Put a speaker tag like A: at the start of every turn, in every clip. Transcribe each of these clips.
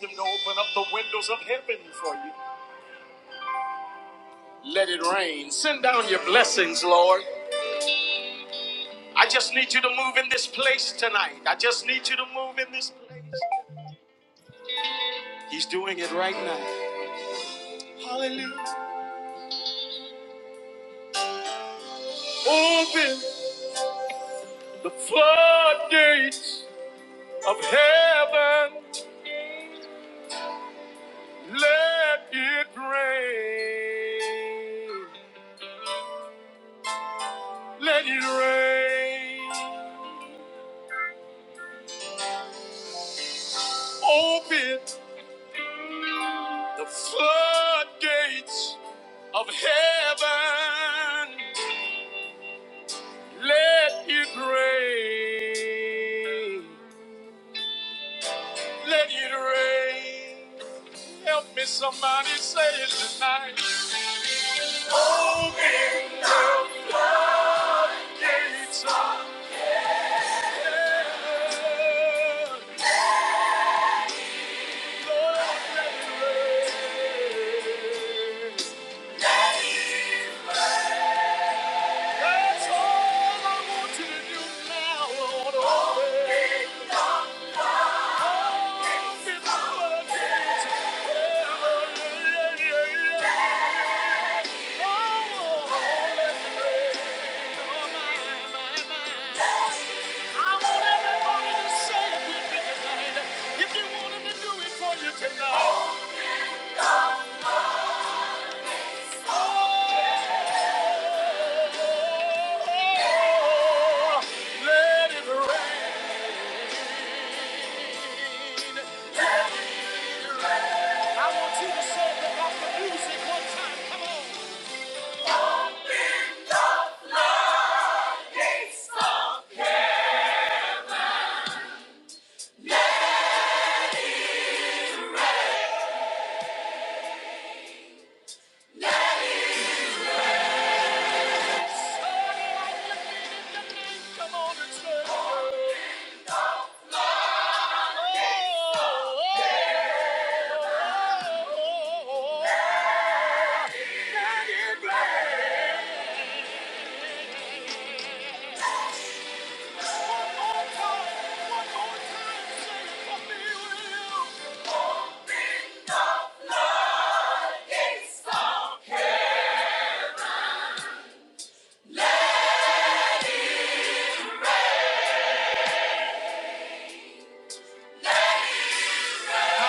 A: him to open up the windows of heaven for you. Let it rain. Send down your blessings, Lord. I just need you to move in this place tonight. I just need you to move in this place. He's doing it right now. Hallelujah. Open the floodgates of heaven. Let it rain. Let it rain. Open. The floodgates of heaven, let it rain. Let it rain. Help me, somebody say it tonight. Open gates of heaven. Let it rain. That's all I want you to do now, Lord. Open Come on oh, oh. I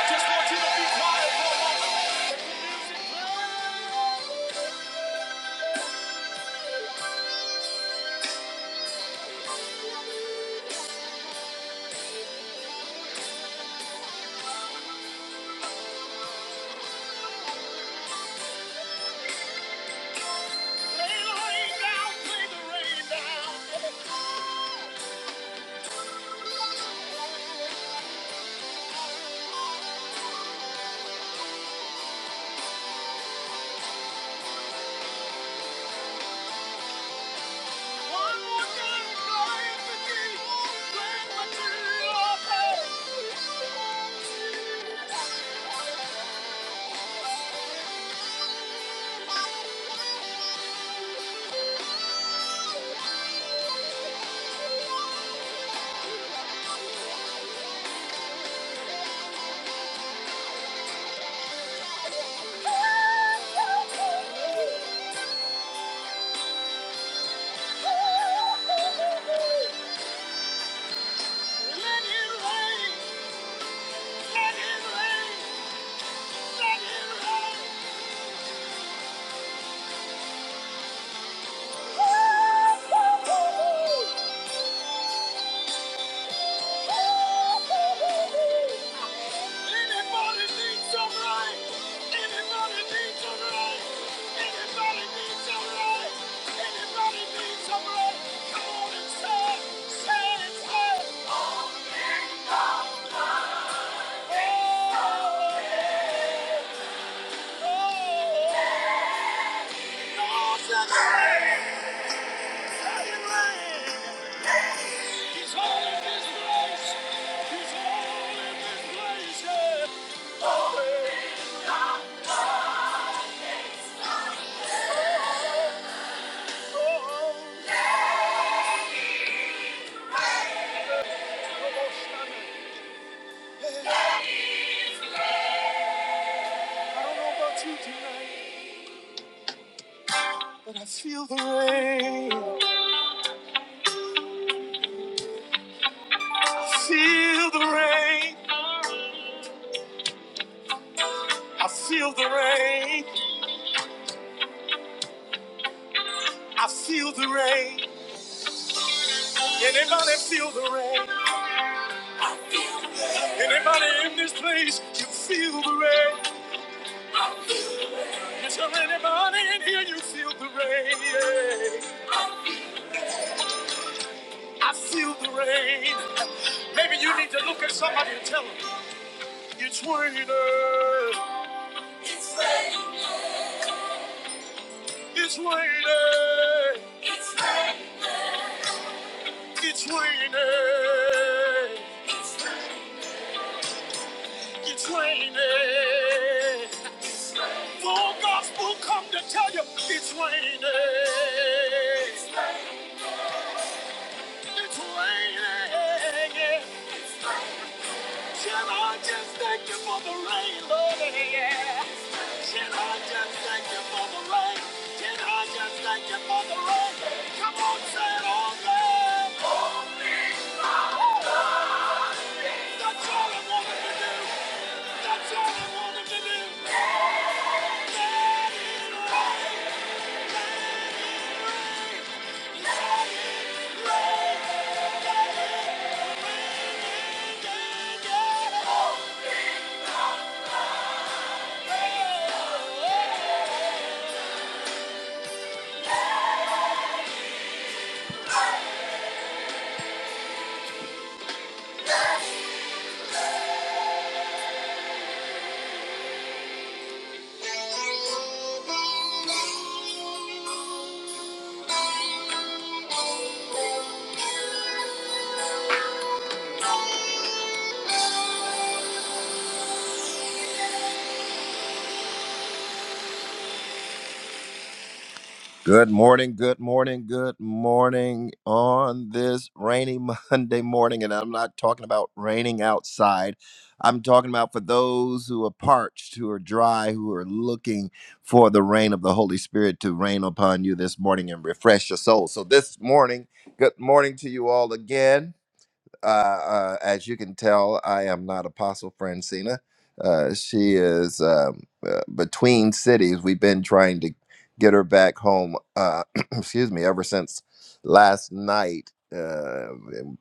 A: just want you to be quiet. Play the rain down, play the rain down. One more time, play it for Let it rain, let it rain, let it rain. Anybody need some light? Anybody need some light? Anybody need some light? Anybody need some light? Come on and say, say it, say it. Oh, oh, oh. Come on, say it's light. Say it's light. I don't know about you tonight, But I feel the rain. I feel the rain. I feel the rain. I feel the rain. Anybody feel the rain? Anybody in this place, you feel the rain? Is there anybody in here, you feel the rain? Yeah. I feel the rain. Maybe you need to look at somebody and tell them, it's raining, it's raining, it's raining, it's raining. it's raining. The gospel come to tell you, it's raining, it's raining. Can I just thank you for the rain, Lord? Can I just thank you for the rain? Can I just thank you for the rain? Come on, say it all loud. That's all I wanted to do. That's all I wanted to do. Let it rain. Let it rain. Let it rain. Thank you. Good morning, good morning, good morning on this rainy Monday morning. And I'm not talking about raining outside. I'm talking about for those who are parched, who are dry, who are looking for the rain of the Holy Spirit to rain upon you this morning and refresh your soul. So, this morning, good morning to you all again uh, uh, as you can tell, I am not Apostle Francina. Uh, she is um, uh, between cities. We've been trying to get her back home, uh, excuse me, ever since last night uh,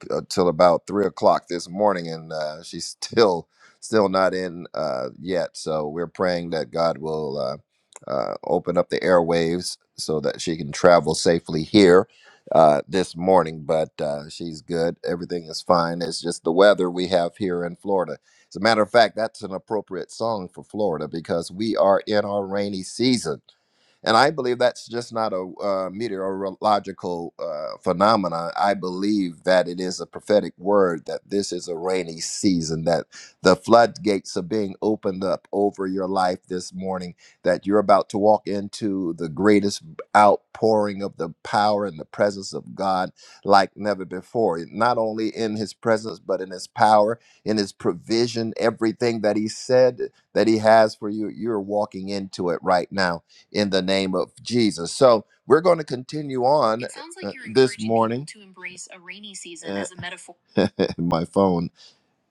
A: until about three o'clock this morning, and uh, she's still still not in uh, yet. So we're praying that God will uh, uh, open up the airwaves so that she can travel safely here uh, this morning, but uh, she's good. Everything is fine. It's just the weather we have here in Florida. As a matter of fact, that's an appropriate song for Florida because we are in our rainy season and I believe that's just not a uh, meteorological uh, phenomenon. I believe that it is a prophetic word that this is a rainy season, that the floodgates are being opened up over your life this morning, that you're about to walk into the greatest outpouring of the power and the presence of God like never before. Not only in his presence, but in his power, in his provision, everything that he said that he has for you, you're walking into it right now in the name of Jesus. So we're going to continue on It sounds like uh, you're this encouraging people morning. To use it uh, as a metaphor. my phone,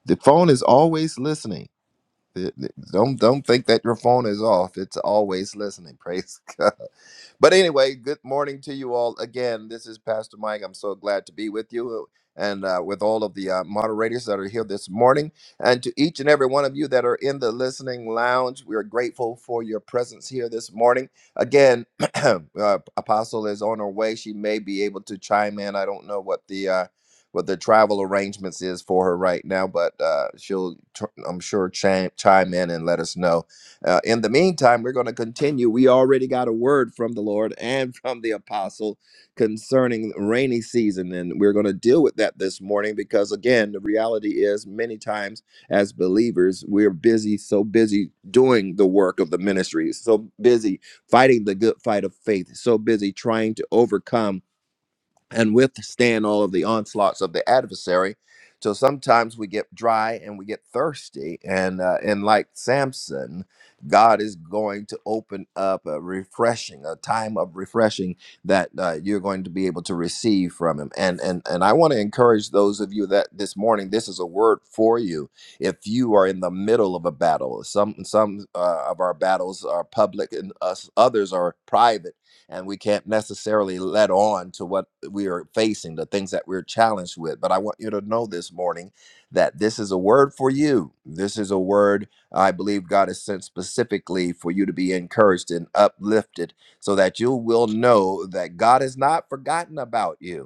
A: the phone is always listening. Th- th- Don't don't think that your phone is off. It's always listening. Praise God. But anyway, good morning to you all again. This is Pastor Mike. I'm so glad to be with you uh, and uh, with all of the uh, moderators that are here this morning. And to each and every one of you that are in the listening lounge, we are grateful for your presence here this morning. Again, uh, Apostle is on her way. She may be able to chime in. I don't know what the uh, what the travel arrangements is for her right now, but uh, she'll, tr- I'm sure, chime, chime in and let us know uh, in the meantime, we're going to continue. We already got a word from the Lord and from the apostle concerning rainy season, and we're going to deal with that this morning because, again, the reality is many times as believers, we're busy, so busy doing the work of the ministry, so busy fighting the good fight of faith, so busy trying to overcome and withstand all of the onslaughts of the adversary. So sometimes we get dry and we get thirsty, and uh, and like Samson, God is going to open up a refreshing, a time of refreshing that uh, you're going to be able to receive from Him. And and and I want to encourage those of you that this morning this is a word for you. If you are in the middle of a battle, some some uh, of our battles are public, and us others are private and we can't necessarily let on to what we are facing, the things that we're challenged with. But I want you to know this morning that this is a word for you. This is a word I believe God has sent specifically for you to be encouraged and uplifted so that you will know that God has not forgotten about you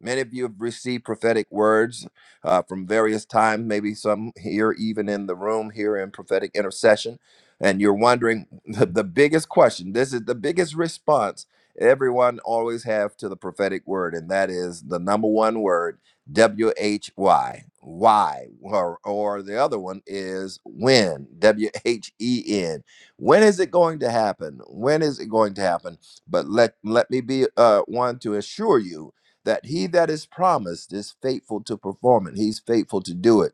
A: Many of you have received prophetic words uh, from various times, maybe some here, even in the room here in prophetic intercession. And you're wondering the, the biggest question. This is the biggest response everyone always have to the prophetic word, and that is the number one word, W H Y. Why? Or, or the other one is when, W H E N. When is it going to happen? When is it going to happen? But let, let me be uh, one to assure you that he that is promised is faithful to perform it. He's faithful to do it.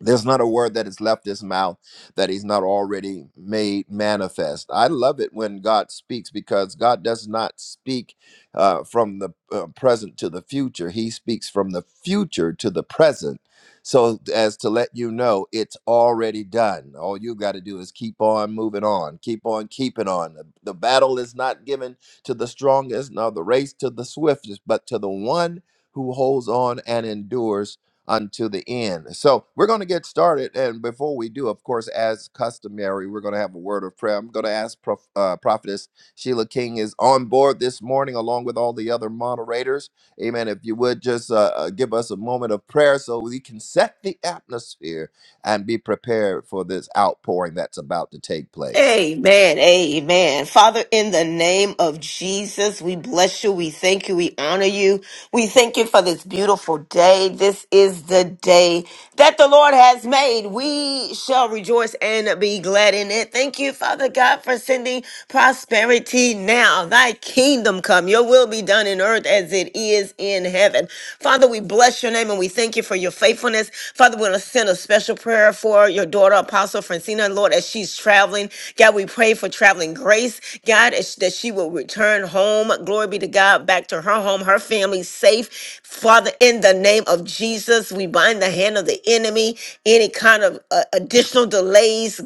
A: There's not a word that has left his mouth that he's not already made manifest. I love it when God speaks because God does not speak uh, from the uh, present to the future, He speaks from the future to the present. So, as to let you know, it's already done. All you got to do is keep on moving on, keep on keeping on. The, the battle is not given to the strongest, nor the race to the swiftest, but to the one who holds on and endures unto the end. So we're going to get started. And before we do, of course, as customary, we're going to have a word of prayer. I'm going to ask Prof, uh, Prophetess Sheila King is on board this morning, along with all the other moderators. Amen. If you would just uh, uh, give us a moment of prayer so we can set the atmosphere and be prepared for this outpouring that's about to take place.
B: Amen. Amen. Father, in the name of Jesus, we bless you. We thank you. We honor you. We thank you for this beautiful day. This is the day that the Lord has made. We shall rejoice and be glad in it. Thank you, Father God, for sending prosperity now. Thy kingdom come. Your will be done in earth as it is in heaven. Father, we bless your name and we thank you for your faithfulness. Father, we're going to send a special prayer for your daughter, Apostle Francina, Lord, as she's traveling traveling. God, we pray for traveling grace. God, as- that she will return home. Glory be to God, back to her home, her family safe. Father, in the name of Jesus, we bind the hand of the enemy, any kind of uh, additional delays.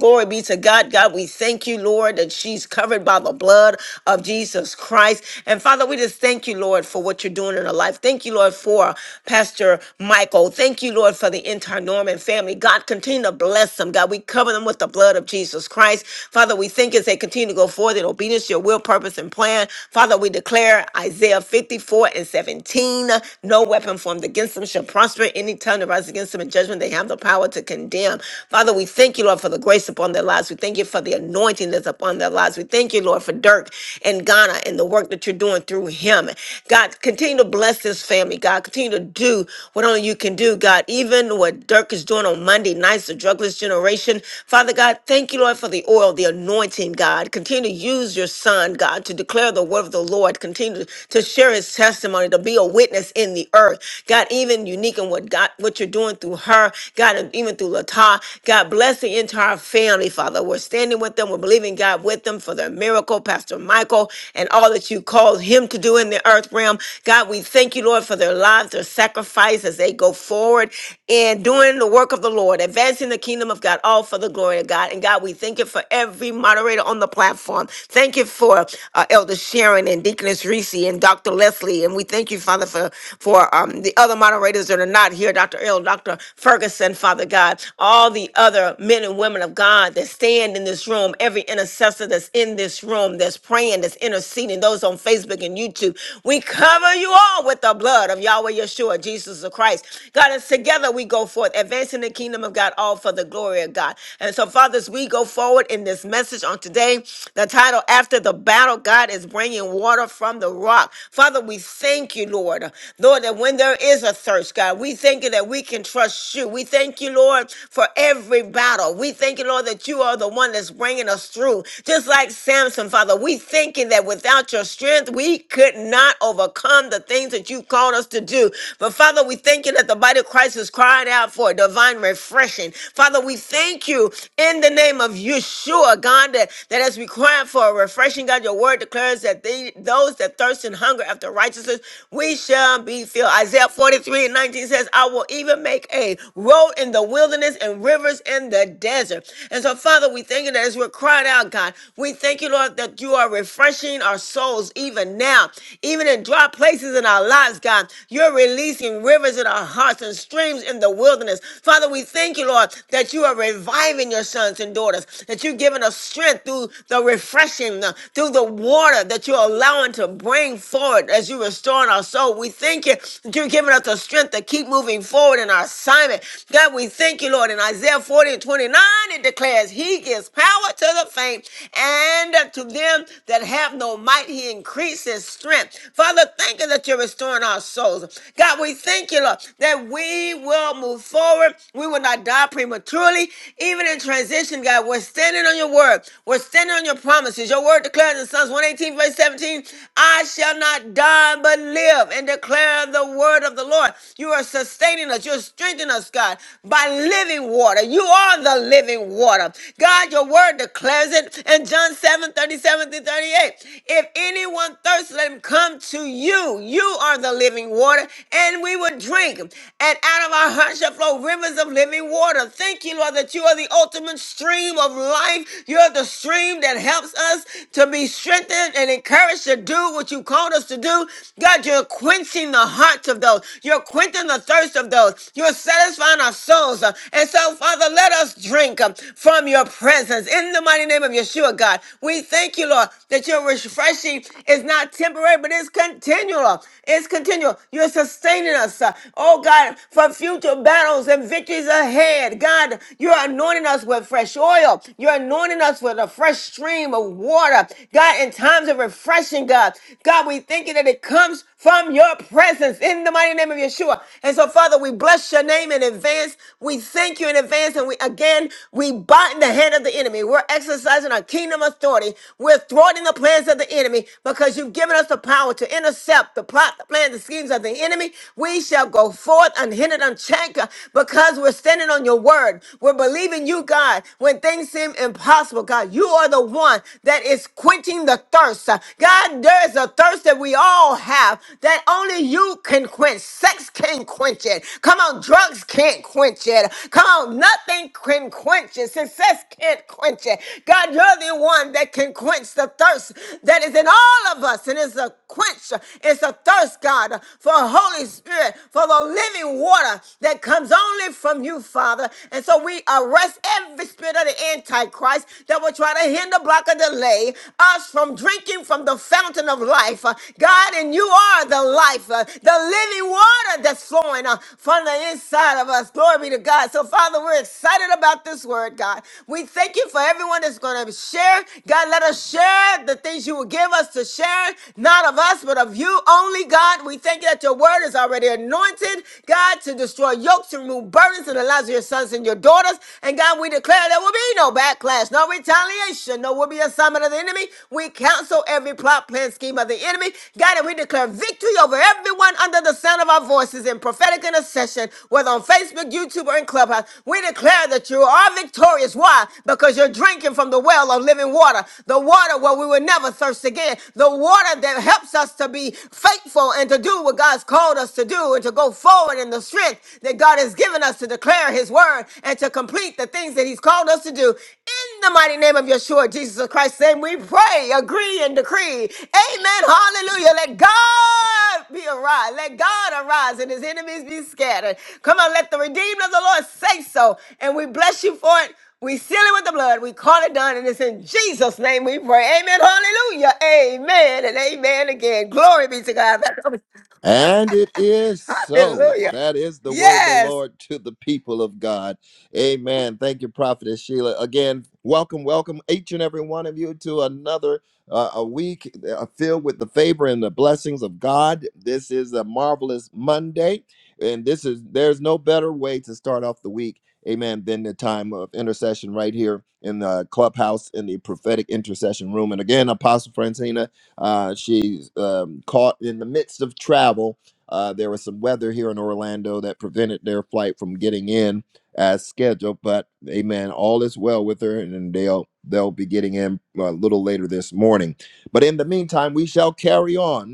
B: Glory be to God. God, we thank you, Lord, that she's covered by the blood of Jesus Christ. And Father, we just thank you, Lord, for what you're doing in her life. Thank you, Lord, for Pastor Michael. Thank you, Lord, for the entire Norman family. God, continue to bless them. God, we cover them with done with the blood of Jesus Christ. Father, we think as they continue to go forth in obedience to your will, purpose, and plan. Father, we declare Isaiah 54 and 17 no weapon formed against them shall prosper. Any tongue that rises against them in judgment, they have the power to condemn. Father, we thank you, Lord, for the grace upon their lives. We thank you for the anointing that's upon their lives. We thank you, Lord, for Dirk and Ghana and the work that you're doing through him. God, continue to bless this family. God, continue to do what only you can do. God, even what Dirk is doing on Monday nights, the drugless generation revelation. Father God, thank you, Lord, for the oil, the anointing, God. Continue to use your son, God, to declare the word of the Lord. Continue to share his testimony, to be a witness in the earth. God, even unique in what God, what you're doing through her, God, and even through Lata. God, bless the entire family, Father. We're standing with them. We're believing God with them for their miracle, Pastor Michael, and all that you called him to do in the earth realm. God, we thank you, Lord, for their lives, their sacrifice as they go forward and doing the work of the Lord, advancing the kingdom kingdom of God, all for the glory of God. And God, we thank you for every moderator on the platform. Thank you for uh, Elder Sharon and Deaconess Reese and Dr. Leslie. And we thank you, Father, for, for um, the other moderators that are not here, Dr. Earl, Dr. Ferguson, Father God, all the other men and women of God that stand in this room, every intercessor that's in this room, that's praying, that's interceding, those on Facebook and YouTube. We cover you all with the blood of Yahweh Yeshua, Jesus the Christ. God, as together we go forth, advancing the kingdom of God all for the glory of God. And so, fathers, we go forward in this message on today, the title, After the Battle, God is Bringing Water from the Rock. Father, we thank you, Lord. Lord, that when there is a thirst, God, we thank you that we can trust you. We thank you, Lord, for every battle. We thank you, Lord, that you are the one that's bringing us through. Just like Samson, Father, we thank you that without your strength, we could not overcome the things that you called us to do. But Father, we thank you that the body of Christ is crying out for divine refreshing refreshing. Father, we thank you in the name of Yeshua, God, that, that as we cry for a refreshing, God, your word declares that they, those that thirst and hunger after righteousness, we shall be filled. Isaiah 43 and 19 says, I will even make a road in the wilderness and rivers in the desert. And so, Father, we thank you that as we're crying out, God, we thank you, Lord, that you are refreshing our souls even now, even in dry places in our lives, God. You're releasing rivers in our hearts and streams in the wilderness. Father, we thank you, Lord, that you are reviving your sons and daughters, that you're giving us strength through the refreshing, uh, through the water that you're allowing to bring forward as you restore our soul. We thank you that you're giving us the strength to keep moving forward in our assignment. God, we thank you, Lord. In Isaiah 40 and 29, it declares, He gives power to the faint, and to them that have no might, He increases strength. Father, thank you that you're restoring our souls. God, we thank you, Lord, that we will move move forward. We will not die prematurely. Even in transition, God, we're standing on your word. We're standing on your promises. Your word declares in Psalms 118, verse 17, I shall not die but live and declare the word of the Lord. You are sustaining us. You're strengthening us, God, by living water. You are the living water. God, your word declares it in John 7 37 through 38. If anyone thirsts, let him come to you. You are the living water, and we will drink. And out of of our hearts shall flow rivers of living water. Thank you, Lord, that you are the ultimate stream of life. You're the stream that helps us to be strengthened and encouraged to do what you called us to do. God, you're quenching the hearts of those. You're quenching the thirst of those. You're satisfying our souls. Uh, And so, Father, let us drink um, from your presence. In the mighty name of Yeshua, God, we thank you, Lord, that your refreshing is not temporary, but it's continual. It's continual. You're sustaining us. uh, Oh, God. God, for future battles and victories ahead. God, you're anointing us with fresh oil. You're anointing us with a fresh stream of water. God, in times of refreshing, God, God, we thank you that it comes from your presence in the mighty name of Yeshua. And so, Father, we bless your name in advance. We thank you in advance. And we again, we bind the hand of the enemy. We're exercising our kingdom authority. We're thwarting the plans of the enemy because you've given us the power to intercept the plot, the plan, the schemes of the enemy. We shall go go forth unhindered, unchecked, because we're standing on your word. We're believing you, God, when things seem impossible. God, you are the one that is quenching the thirst. God, there is a thirst that we all have that only you can quench. Sex can quench it. Come on, drugs can't quench it. Come on, nothing can quench it. Success can't quench it. God, you're the one that can quench the thirst that is in all of us. And it's a quench, it's a thirst, God, for Holy Spirit. Spirit for the living water that comes only from you, Father. And so we arrest every spirit of the Antichrist that will try to hinder, block, or delay us from drinking from the fountain of life. Uh, God, and you are the life, uh, the living water that's flowing uh, from the inside of us. Glory be to God. So, Father, we're excited about this word, God. We thank you for everyone that's going to share. God, let us share the things you will give us to share, not of us, but of you only, God. We thank you that your word is God is already anointed, God, to destroy yokes to remove burdens in the lives of your sons and your daughters. And God, we declare there will be no backlash, no retaliation, no will be assignment of the enemy. We counsel every plot, plan, scheme of the enemy. God, and we declare victory over everyone under the sound of our voices in prophetic intercession, whether on Facebook, YouTube, or in Clubhouse. We declare that you are victorious. Why? Because you're drinking from the well of living water, the water where we will never thirst again, the water that helps us to be faithful and to do what God God's called us to do and to go forward in the strength that God has given us to declare his word and to complete the things that he's called us to do. In the mighty name of Yeshua, Jesus of Christ, name we pray, agree, and decree. Amen. Hallelujah. Let God be arise. Let God arise and his enemies be scattered. Come on, let the redeemed of the Lord say so. And we bless you for it. We seal it with the blood. We call it done. And it's in Jesus' name we pray. Amen. Hallelujah. Amen. And amen again. Glory be to God.
A: And it is so.
B: Hallelujah.
A: That is the word of the
B: Yes.
A: Lord to the people of God. Amen. Thank you, Prophetess Sheila. Again, welcome, welcome each and every one of you to another uh, a week uh, filled with the favor and the blessings of God. This is a marvelous Monday, and this is there's no better way to start off the week. Amen. Than the time of intercession right here in the clubhouse in the prophetic intercession room. And again, Apostle Francina uh, she's um, caught in the midst of travel. Uh, there was some weather here in Orlando that prevented their flight from getting in as scheduled, but amen, all is well with her, and they'll they'll be getting in a little later this morning. But in the meantime, we shall carry on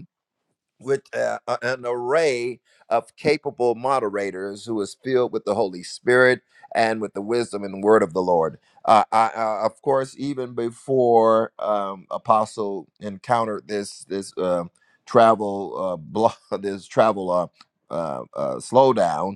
A: with uh, a- an array of capable moderators who is filled with the Holy Spirit and with the wisdom and word of the Lord. Uh, I, I, of course, even before um, Apostle encountered this this um travel uh, blo- this travel uh, uh, uh, slowdown,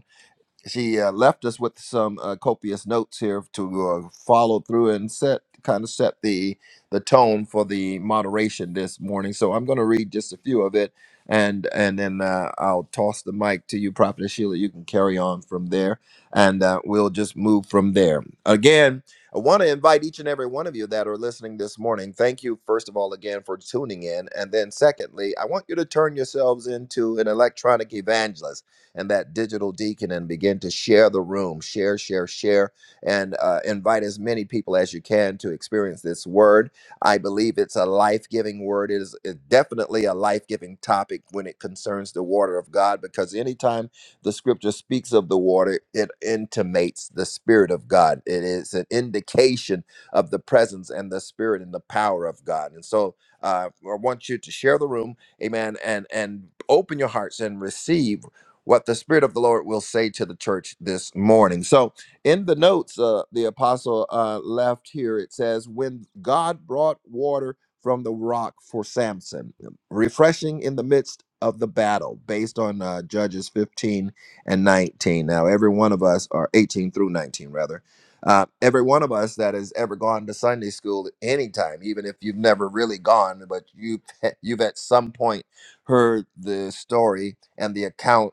A: she uh, left us with some uh, copious notes here to uh, follow through and set kind of set the the tone for the moderation this morning. So I'm going to read just a few of it, and and then uh, I'll toss the mic to you, Prophet Sheila. You can carry on from there, and uh, we'll just move from there. Again, I want to invite each and every one of you that are listening this morning. Thank you, first of all, again for tuning in, and then secondly, I want you to turn yourselves into an electronic evangelist and that digital deacon and begin to share the room, share, share, share, and uh, invite as many people as you can to experience this word. I believe it's a life giving word. It is it's definitely a life giving topic when it concerns the water of God, because anytime the scripture speaks of the water, it intimates the Spirit of God. It is an indication of the presence and the Spirit and the power of God. And so uh, I want you to share the room, amen, and, and open your hearts and receive what the Spirit of the Lord will say to the church this morning. So, in the notes, uh, the apostle uh, left here, it says, When God brought water from the rock for Samson, refreshing in the midst of the battle, based on uh, Judges 15 and 19. Now, every one of us, or 18 through 19, rather, uh, every one of us that has ever gone to Sunday school at any time, even if you've never really gone, but you've, you've at some point heard the story and the account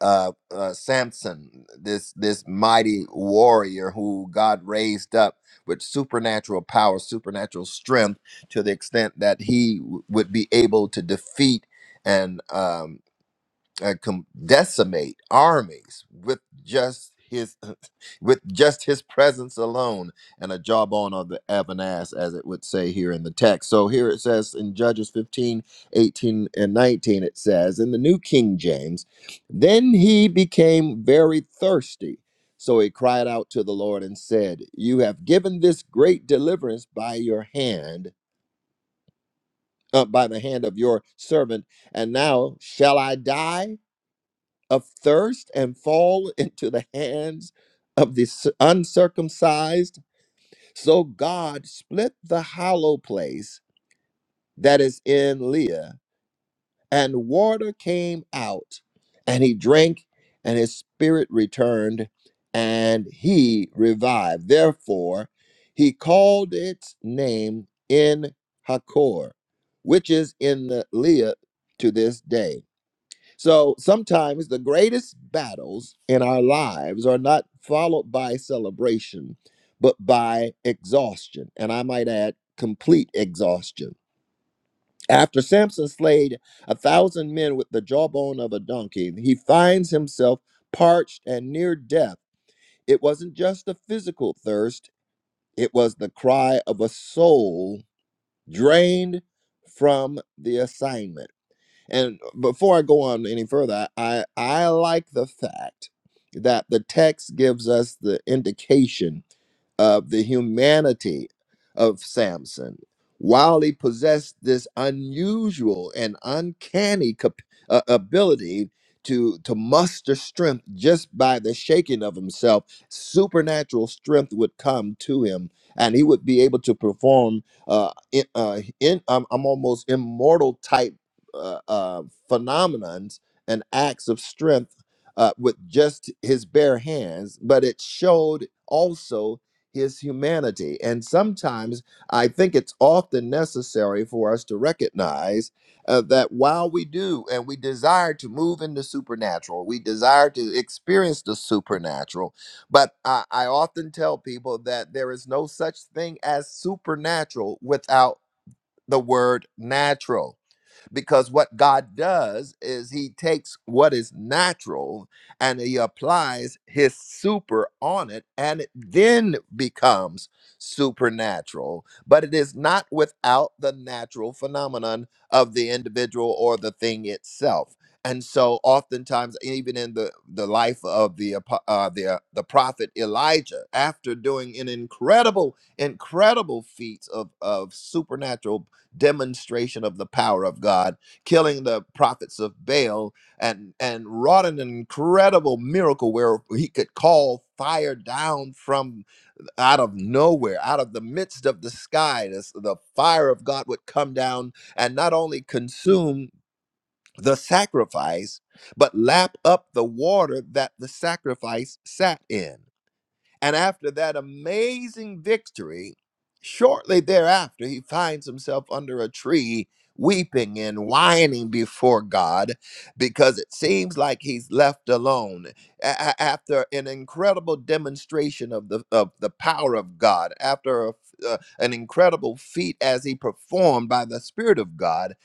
A: uh, uh, Samson, this this mighty warrior who God raised up with supernatural power, supernatural strength, to the extent that he w- would be able to defeat and um, uh, com- decimate armies with just his with just his presence alone and a jawbone of the of an ass as it would say here in the text so here it says in judges 15 18 and 19 it says in the new king james then he became very thirsty so he cried out to the lord and said you have given this great deliverance by your hand uh, by the hand of your servant and now shall i die of thirst and fall into the hands of the s- uncircumcised. So God split the hollow place that is in Leah, and water came out, and he drank, and his spirit returned, and he revived. Therefore, he called its name in Hakor, which is in the Leah to this day so sometimes the greatest battles in our lives are not followed by celebration, but by exhaustion. And I might add, complete exhaustion. After Samson slayed a thousand men with the jawbone of a donkey, he finds himself parched and near death. It wasn't just a physical thirst, it was the cry of a soul drained from the assignment. And before I go on any further, I I like the fact that the text gives us the indication of the humanity of Samson. While he possessed this unusual and uncanny cap- uh, ability to, to muster strength just by the shaking of himself, supernatural strength would come to him and he would be able to perform uh, in, uh, in um, i almost immortal type uh, uh, phenomenons and acts of strength uh, with just his bare hands, but it showed also his humanity. And sometimes I think it's often necessary for us to recognize uh, that while we do and we desire to move in the supernatural, we desire to experience the supernatural, but I, I often tell people that there is no such thing as supernatural without the word natural because what God does is he takes what is natural and he applies his super on it and it then becomes supernatural but it is not without the natural phenomenon of the individual or the thing itself and so oftentimes even in the the life of the apo- uh, the uh, the prophet Elijah after doing an incredible incredible feats of of supernatural demonstration of the power of God, killing the prophets of Baal, and and wrought an incredible miracle where he could call fire down from out of nowhere, out of the midst of the sky. This, the fire of God would come down and not only consume the sacrifice, but lap up the water that the sacrifice sat in. And after that amazing victory, shortly thereafter, he finds himself under a tree, weeping and whining before God because it seems like he's left alone. A- a- after an incredible demonstration of the, of the power of God, after a f- uh, an incredible feat as he performed by the Spirit of God,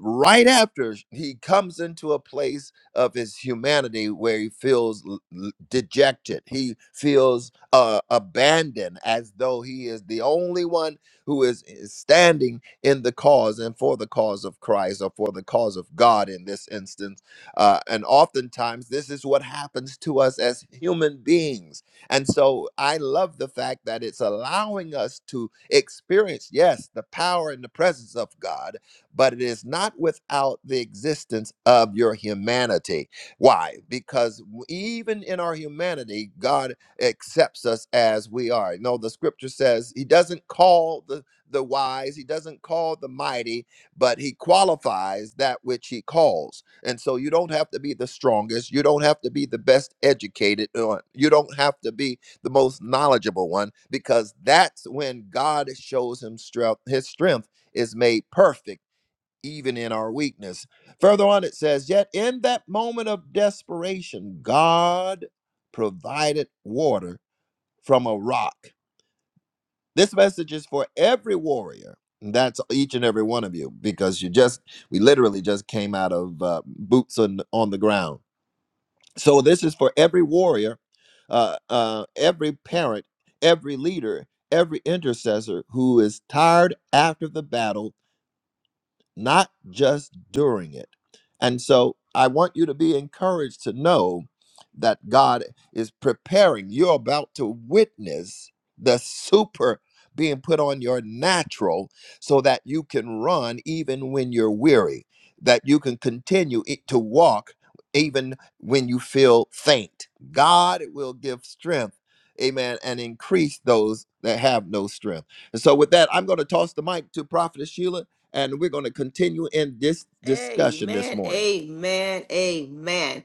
A: right after he comes into a place of his humanity where he feels l- l- dejected. He feels uh, abandoned as though he is the only one who is, is standing in the cause and for the cause of Christ or for the cause of God in this instance. Uh, and oftentimes, this is what happens to us as human beings. And so I love the fact that it's allowing us to experience, yes, the power and the presence of God, but it is not without the existence of your humanity. Why? Because w- even in our humanity, God accepts us as we are. No, the scripture says he doesn't call the, the wise, he doesn't call the mighty, but he qualifies that which he calls. And so you don't have to be the strongest, you don't have to be the best educated, or you don't have to be the most knowledgeable one, because that's when God shows him strength, his strength is made perfect. Even in our weakness. Further on, it says, Yet in that moment of desperation, God provided water from a rock. This message is for every warrior. and That's each and every one of you because you just, we literally just came out of uh, boots on, on the ground. So this is for every warrior, uh, uh, every parent, every leader, every intercessor who is tired after the battle not just during it. And so I want you to be encouraged to know that God is preparing. You're about to witness the super being put on your natural so that you can run even when you're weary, that you can continue i- to walk even when you feel faint. God will give strength, amen, and increase those that have no strength. And so, with that, I'm going to toss the mic to Prophetess Sheila and we're going to continue in this discussion this
B: Amen.
A: morning.
B: Amen. Amen.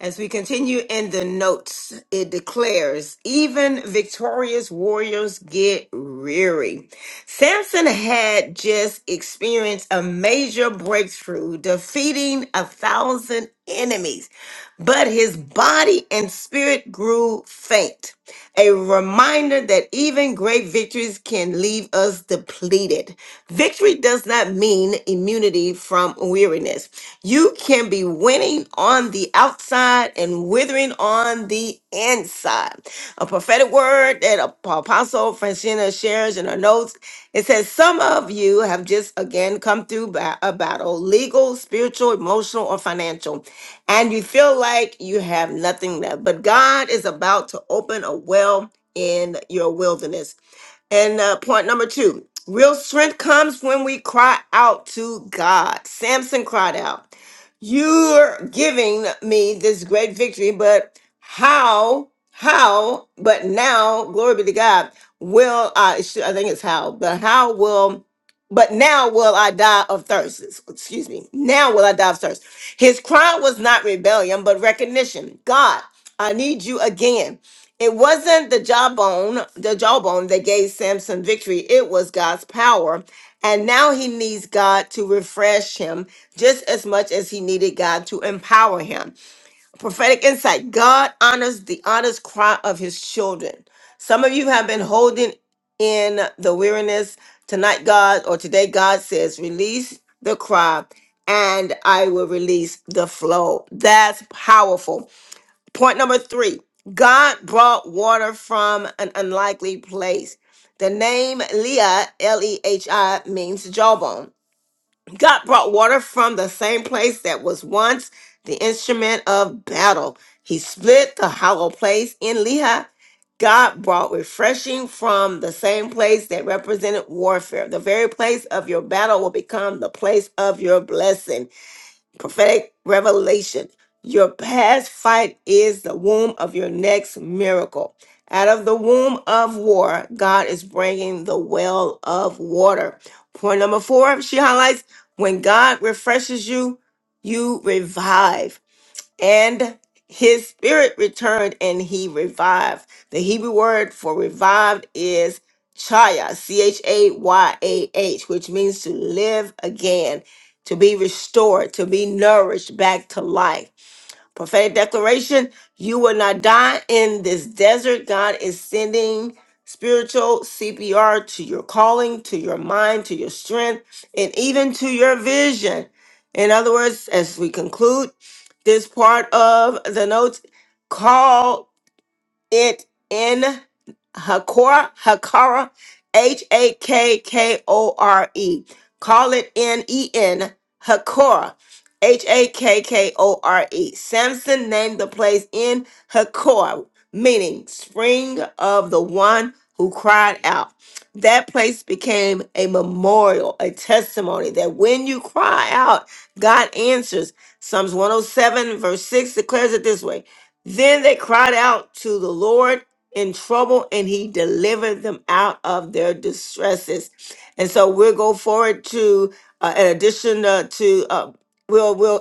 B: As we continue in the notes, it declares, even victorious warriors get weary. Samson had just experienced a major breakthrough, defeating a thousand enemies, but his body and spirit grew faint. A reminder that even great victories can leave us depleted. Victory does not mean immunity from weariness. You can be winning on the outside and withering on the inside. A prophetic word that Apostle Francina shares in her notes. It says, Some of you have just again come through ba- a battle, legal, spiritual, emotional, or financial, and you feel like you have nothing left. But God is about to open a well in your wilderness. And uh, point number two real strength comes when we cry out to God. Samson cried out, You're giving me this great victory, but how, how, but now, glory be to God, will I, sh- I think it's how, but how will. But now will I die of thirst. Excuse me. Now will I die of thirst. His cry was not rebellion, but recognition. God, I need you again. It wasn't the jawbone, the jawbone that gave Samson victory. It was God's power. And now he needs God to refresh him just as much as he needed God to empower him. Prophetic insight God honors the honest cry of his children. Some of you have been holding in the weariness. Tonight, God, or today, God says, release the cry and I will release the flow. That's powerful. Point number three God brought water from an unlikely place. The name Leah, L E H I, means jawbone. God brought water from the same place that was once the instrument of battle. He split the hollow place in Leah. God brought refreshing from the same place that represented warfare. The very place of your battle will become the place of your blessing prophetic revelation. Your past fight is the womb of your next miracle. Out of the womb of war, God is bringing the well of water. Point number four, she highlights when God refreshes you, you revive and his spirit returned and he revived. The Hebrew word for revived is chaya, C H A Y A H, which means to live again, to be restored, to be nourished back to life. Prophetic declaration you will not die in this desert. God is sending spiritual CPR to your calling, to your mind, to your strength, and even to your vision. In other words, as we conclude this part of the notes, call it in Hakora, Hakora, H A K K O R E. Call it N E N, Hakora, H A K K O R E. Samson named the place in Hakora, meaning spring of the one who cried out. That place became a memorial, a testimony that when you cry out, God answers. Psalms 107, verse 6 declares it this way then they cried out to the Lord in trouble, and he delivered them out of their distresses. And so we'll go forward to uh, an addition uh, to uh, we'll we'll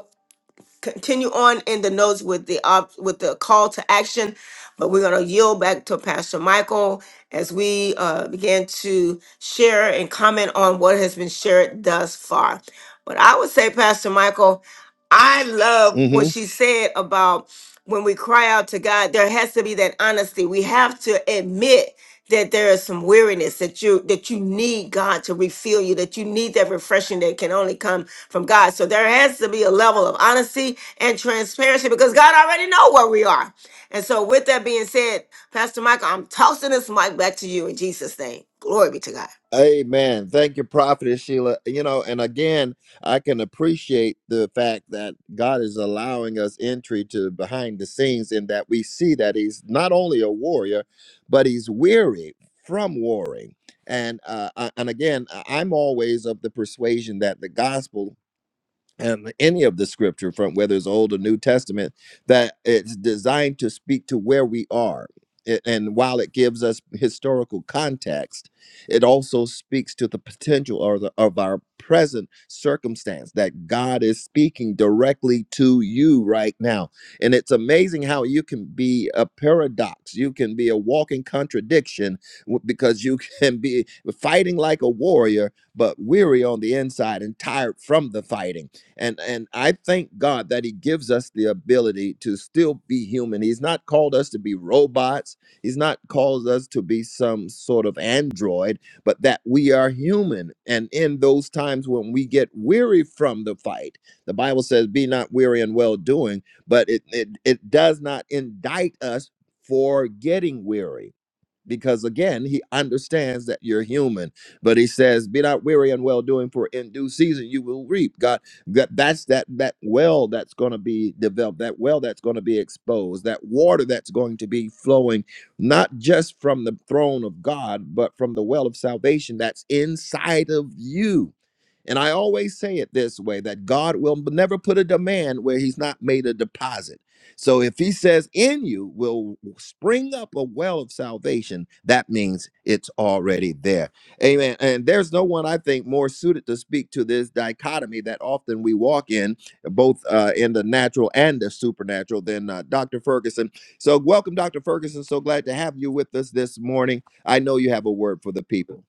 B: continue on in the notes with the op- with the call to action, but we're going to yield back to Pastor Michael as we uh, begin to share and comment on what has been shared thus far. But I would say, Pastor Michael, I love what
A: hmm
B: she said about when we cry out to God, there has to be that honesty. We have to admit that there is some weariness that you that you need God to refill you, that you need that refreshing that can only come from God. So there has to be a level of honesty and transparency because God already know where we are. And so with that being said, Pastor Michael, I'm tossing this mic back to you in Jesus' name. Glory be to God.
A: Amen. Thank you, Prophetess Sheila. You know, and again, I can appreciate the fact that God is allowing us entry to behind the scenes, in that we see that He's not only a warrior, but He's weary from warring. And uh, I- and again, I- I'm always of the persuasion that the gospel um, any of the scripture from whether it's old or new testament that it's designed to speak to where we are A- and while it gives us historical context it also speaks to the potential or the, of our present circumstance that god is speaking directly to you right now and it's amazing how you can be a paradox you can be a walking contradiction w- because you can be fighting like a warrior but weary on the inside and tired from the fighting and and i thank god that he gives us the ability to still be human he's not called us to be robots he's not called us to be some sort of android but that we are human and in those times when we get weary from the fight the bible says be not weary in well doing but it it, it does not indict us for getting weary because again he understands that you're human but he says be not weary and well doing for in due season you will reap god that that's that that well that's going to be developed that well that's going to be exposed that water that's going to be flowing not just from the throne of god but from the well of salvation that's inside of you and I always say it this way that God will never put a demand where he's not made a deposit. So if he says in you will spring up a well of salvation, that means it's already there. Amen. And there's no one I think more suited to speak to this dichotomy that often we walk in, both uh, in the natural and the supernatural, than uh, Dr. Ferguson. So welcome, Dr. Ferguson. So glad to have you with us this morning. I know you have a word for the people.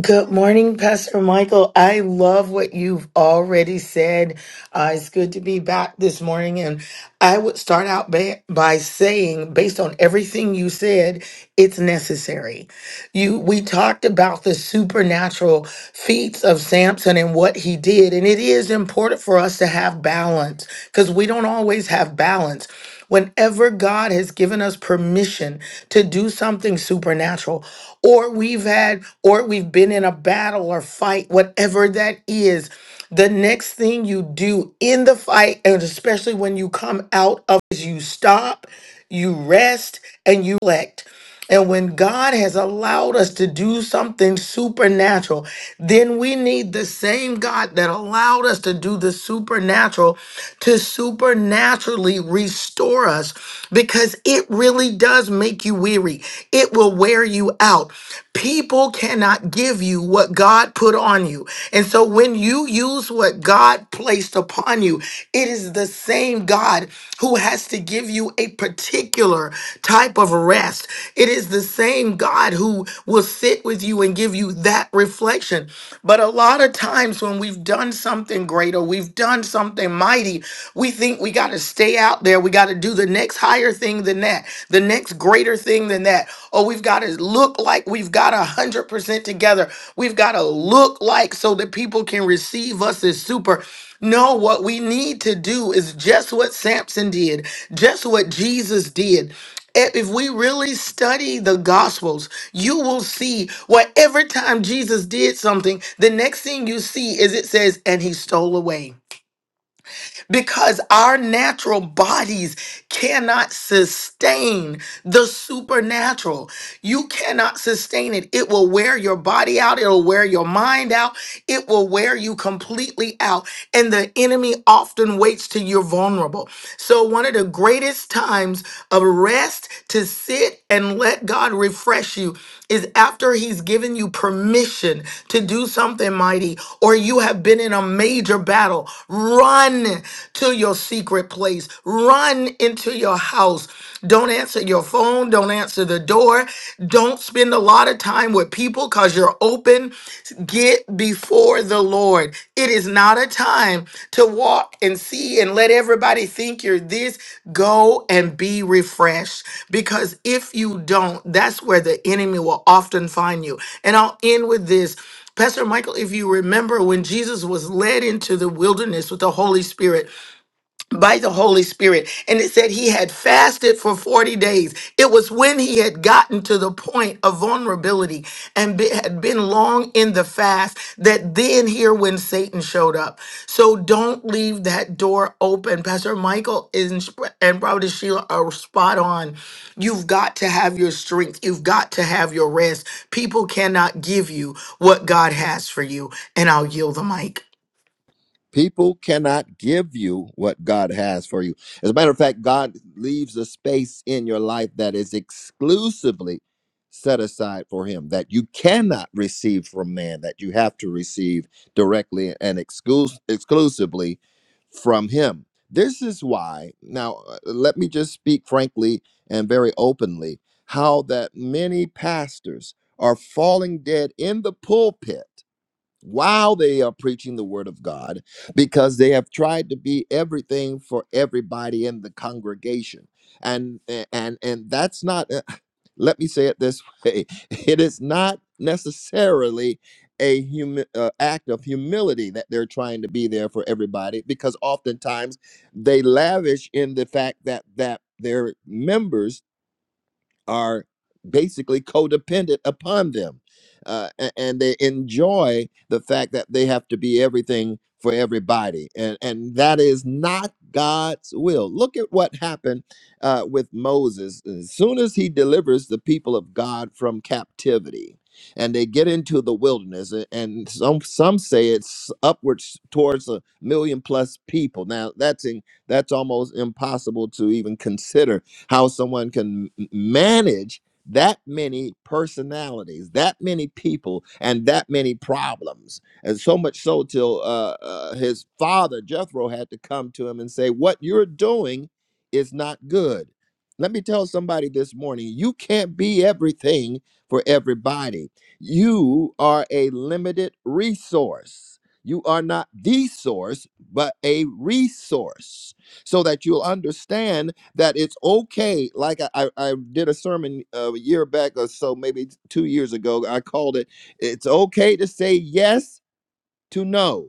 C: Good morning, Pastor Michael. I love what you've already said. Uh, it's good to be back this morning. And I would start out ba- by saying, based on everything you said, it's necessary. You, we talked about the supernatural feats of Samson and what he did. And it is important for us to have balance because we don't always have balance. Whenever God has given us permission to do something supernatural, or we've had, or we've been in a battle or fight, whatever that is, the next thing you do in the fight, and especially when you come out of it, is you stop, you rest, and you elect. And when God has allowed us to do something supernatural, then we need the same God that allowed us to do the supernatural to supernaturally restore us because it really does make you weary. It will wear you out. People cannot give you what God put on you. And so when you use what God God placed upon you. It is the same God who has to give you a particular type of rest. It is the same God who will sit with you and give you that reflection. But a lot of times when we've done something great or we've done something mighty, we think we got to stay out there. We got to do the next higher thing than that, the next greater thing than that. Oh, we've got to look like we've got a hundred percent together. We've got to look like so that people can receive us as super. No, what we need to do is just what Samson did, just what Jesus did. If if we really study the Gospels, you will see where every time Jesus did something, the next thing you see is it says, and he stole away because our natural bodies cannot sustain the supernatural. You cannot sustain it. It will wear your body out, it'll wear your mind out, it will wear you completely out. And the enemy often waits till you're vulnerable. So, one of the greatest times of rest to sit and let God refresh you is after He's given you permission to do something mighty, or you have been in a major battle. Run to your secret place, run into your house. Don't answer your phone, don't answer the door, don't spend a lot of time with with people because you're open. Get before the Lord. It is not a time to walk and see and let everybody think you're this. Go and be refreshed because if you don't, that's where the enemy will often find you. And I'll end with this. Pastor Michael, if you remember when Jesus was led into the wilderness with the Holy Spirit, by the Holy Spirit. And it said he had fasted for 40 days. It was when he had gotten to the point of vulnerability and be- had been long in the fast that then here when Satan showed up. So don't leave that door open. Pastor Michael is, and Brother Sheila are spot on. You've got to have your strength. You've got to have your rest. People cannot give you what God has for you. And I'll yield the mic.
A: People cannot give you what God has for you. As a matter of fact, God leaves a space in your life that is exclusively set aside for Him that you cannot receive from man, that you have to receive directly and exclus- exclusively from Him. This is why, now uh, let me just speak frankly and very openly, how that many pastors are falling dead in the pulpit while they are preaching the word of God because they have tried to be everything for everybody in the congregation. And and and that's not uh, let me say it this way. It is not necessarily a humi- uh, act of humility that they're trying to be there for everybody because oftentimes they lavish in the fact that that their members are basically codependent upon them. Uh, a- and they enjoy the fact that they have to be everything for everybody. And, and that is not God's will. Look at what happened uh, with Moses. As soon as he delivers the people of God from captivity, and they get into the wilderness, a- and some some say it's upwards towards a million plus people. Now that's in, that's almost impossible to even consider how someone can m- manage that many personalities, that many people, and that many problems. And so much so till uh, uh, his father, Jethro, had to come to him and say, What you're doing is not good. Let me tell somebody this morning you can't be everything for everybody. You are a limited resource. You are not the source, but a resource so that you'll understand that it's okay. Like I, I I did a sermon uh, a year back or so, maybe two years ago. I called it, It's okay to say yes to no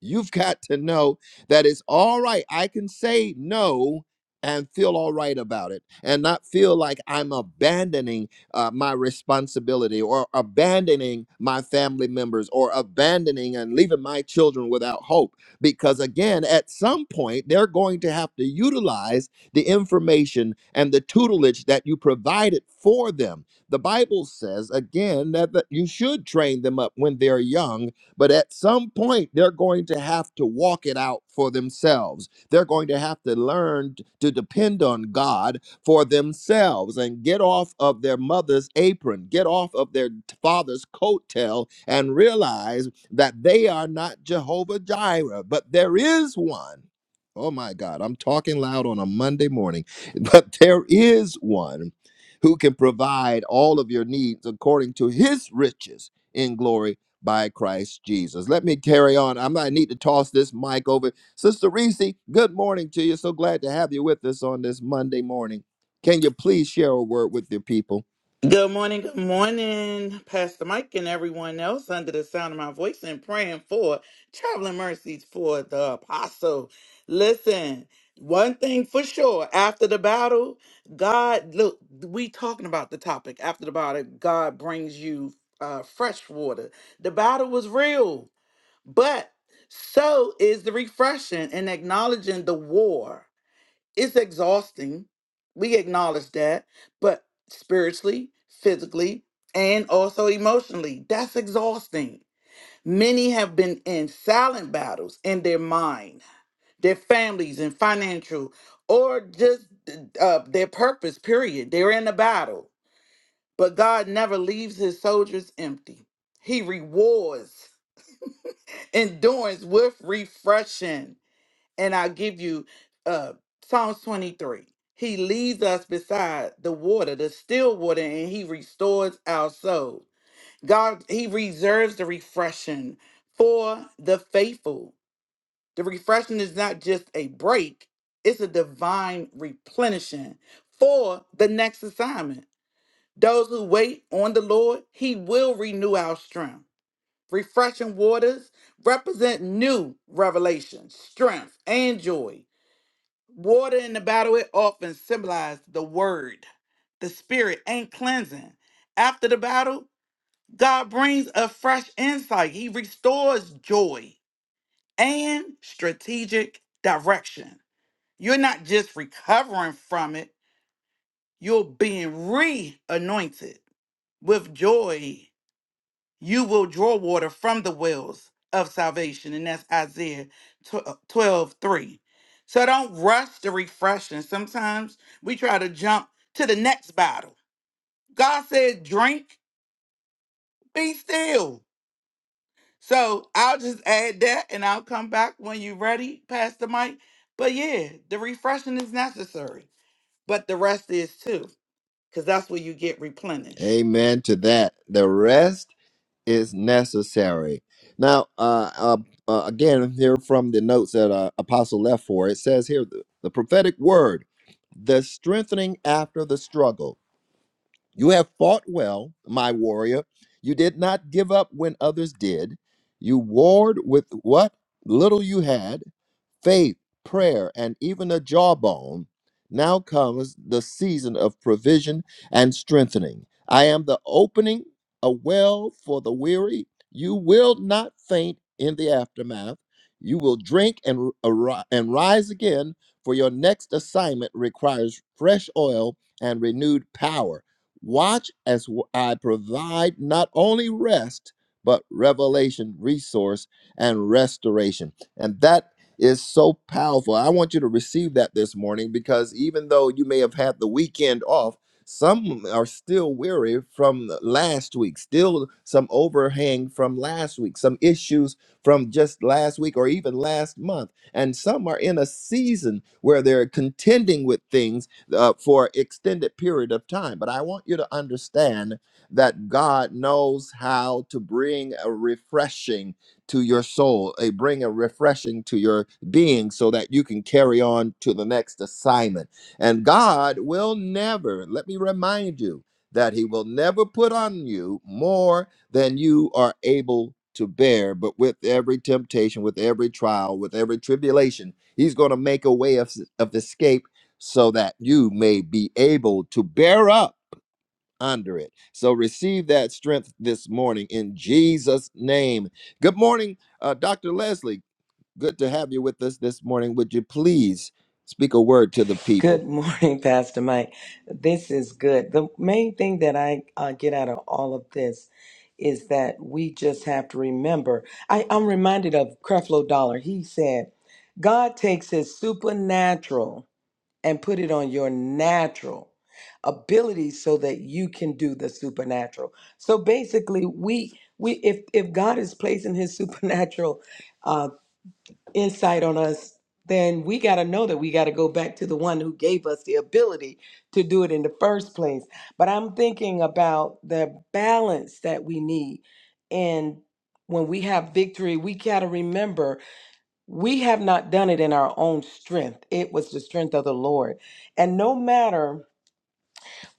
A: You've got to know that it's all right. I can say no and feel all right about it and not feel like I'm abandoning uh, my responsibility or abandoning my family members or abandoning and leaving my children without hope. Because again, at some point, they're going to have to utilize the information and the tutelage that you provided for them. The Bible says, again, that that you should train them up when they're young but at some point, they're going to have to walk it out for themselves. They're going to have to learn t- to depend on God for themselves and get off of their mother's apron, get off of their t- father's coattail, and realize that they are not Jehovah Jireh, but there is one. Oh my God, I'm talking loud on a Monday morning, but there is one who can provide all of your needs according to his riches in glory by Christ Jesus. Let me carry on. I might need to toss this mic over. Sister Reese, good morning to you. So glad to have you with us on this Monday morning. Can you please share a word with your people?
D: Good morning, good morning, Pastor Mike and everyone else under the sound of my voice and praying for traveling mercies for the apostle. Listen, one thing for sure, after the battle, God, look, we talking about the topic. After the battle, God brings you uh, fresh water. The battle was real, but so is the refreshing and acknowledging the war it's exhausting. We acknowledge that, but spiritually, physically, and also emotionally, that's exhausting. Many have been in silent battles in their mind, their families, and financial, or just uh, uh, their purpose, period. They're in a battle, but God never leaves his soldiers empty. He rewards endurance with refreshing and I'll give you uh Psalms 23. He leads us beside the water, the still water, and he restores our soul. God, he reserves the refreshing for the faithful. The refreshing is not just a break, it's a divine replenishing for the next assignment. Those who wait on the Lord, he will renew our strength. Refreshing waters represent new revelation, strength, and joy Water in the battle, it often symbolized the word, the spirit, and cleansing. After the battle, God brings a fresh insight. He restores joy and strategic direction. You're not just recovering from it, you're being re anointed with joy you will draw water from the wells of salvation. And that's Isaiah 12 3. So don't rush the refreshing. Sometimes we try to jump to the next bottle. God said, drink, be still. So I'll just add that and I'll come back when you're ready, Pastor Mike. But yeah, the refreshing is necessary, but the rest is too, because that's where you get replenished.
A: Amen to that. The rest is necessary. Now, uh, uh, uh, again, here from the notes that uh, Apostle left for, it says here the, the prophetic word, the strengthening after the struggle. You have fought well, my warrior. You did not give up when others did. You warred with what little you had faith, prayer, and even a jawbone, now comes the season of provision and strengthening. I am the opening, a well for the weary. You will not faint in the aftermath. You will drink and, ar- and rise again, for your next assignment requires fresh oil and renewed power. Watch as w- I provide not only rest, but revelation, resource, and restoration. And that is so powerful. I want you to receive that this morning because even though you may have had the weekend off, some are still weary from last week, still some overhang from last week, some issues from just last week or even last month. And some are in a season where they're contending with things uh, for extended period of time. But I want you to understand that God knows how to bring a refreshing to your soul, a bring a refreshing to your being so that you can carry on to the next assignment. And God will never, let me remind you, that He will never put on you more than you are able to bear. But with every temptation, with every trial, with every tribulation, He's going to make a way of, of escape so that you may be able to bear up under it. So receive that strength this morning in Jesus' name. Good morning, uh, Dr. Leslie. Good to have you with us this morning. Would you please speak a word to the people?
E: Good morning, Pastor Mike. This is good. The main thing that I uh, get out of all of this is that we just have to remember. I, I'm reminded of Creflo Dollar. He said, God takes his supernatural and put it on your natural ability so that you can do the supernatural. So basically, we we if if God is placing his supernatural uh, insight on us, then we got to know that we got to go back to the one who gave us the ability to do it in the first place. But I'm thinking about the balance that we need. And when we have victory, we got to remember we have not done it in our own strength, it was the strength of the Lord. And no matter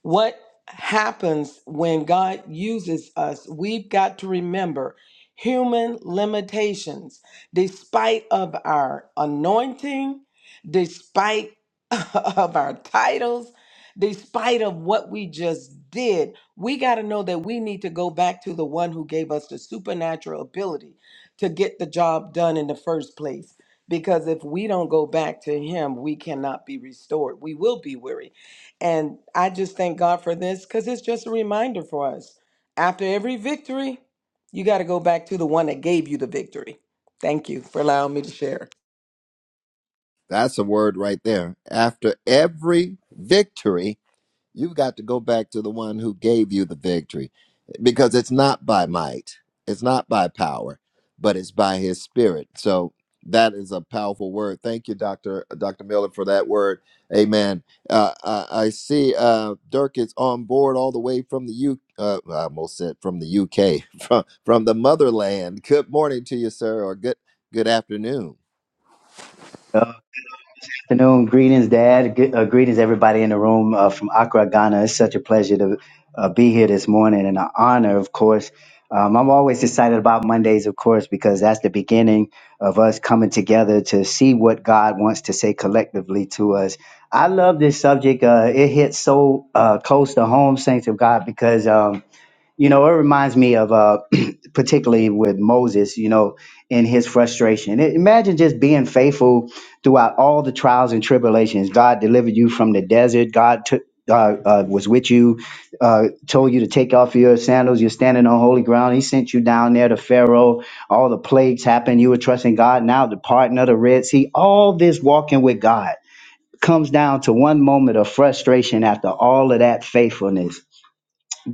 E: what happens when God uses us? We've got to remember human limitations. Despite of our anointing, despite of our titles, despite of what we just did, we got to know that we need to go back to the one who gave us the supernatural ability to get the job done in the first place. Because if we don't go back to him, we cannot be restored. We will be weary and I just thank God for this because it's just a reminder for us. After every victory, you got to go back to the one that gave you the victory. Thank you for allowing me to share.
A: That's a word right there. After every victory, You've got to go back to the one who gave you the victory because it's not by might, it's not by power, but it's by his spirit. So that is a powerful word. Thank you, Dr. Dr. Miller, for that word. Amen. Uh, I, I see uh, Dirk is on board all the way from the U. Uh, I almost said from the UK, from from the motherland. Good morning to you, sir, or good good afternoon.
F: Good afternoon. Greetings, Dad. Good, uh, greetings, everybody in the room uh, from Accra, Ghana. It's such a pleasure to uh, be here this morning and an honor, of course. Um, I'm always excited about Mondays, of course, because that's the beginning of us coming together to see what God wants to say collectively to us. I love this subject. Uh, it hits so uh, close to home, saints of God, because. Um, you know, it reminds me of uh, particularly with Moses, you know, in his frustration. I- Imagine just being faithful throughout all the trials and tribulations. God delivered you from the desert. God took. Uh, uh, was with you, uh, told you to take off your sandals. You're standing on holy ground. He sent you down there to Pharaoh. All the plagues happened. You were trusting God. Now the parting of the Red Sea. All this walking with God comes down to one moment of frustration after all of that faithfulness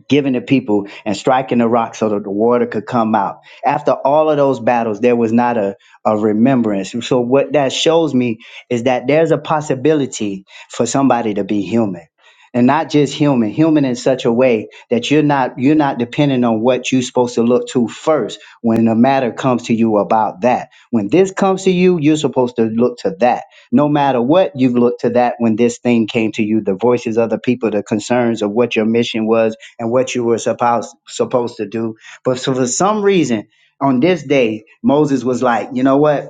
F: giving to people and striking the rock so that the water could come out. After all of those battles, there was not a, a remembrance. So, what that shows me is that there's a possibility for somebody to be human. And not just human, human in such a way that you're not you're not dependent on what you're supposed to look to first when a matter comes to you about that. When this comes to you, you're supposed to look to that no matter what you've looked to that when this thing came to you the voices of the people the concerns of what your mission was and what you were supposed supposed to do. But so for some reason, on this day, Moses was like, you know what?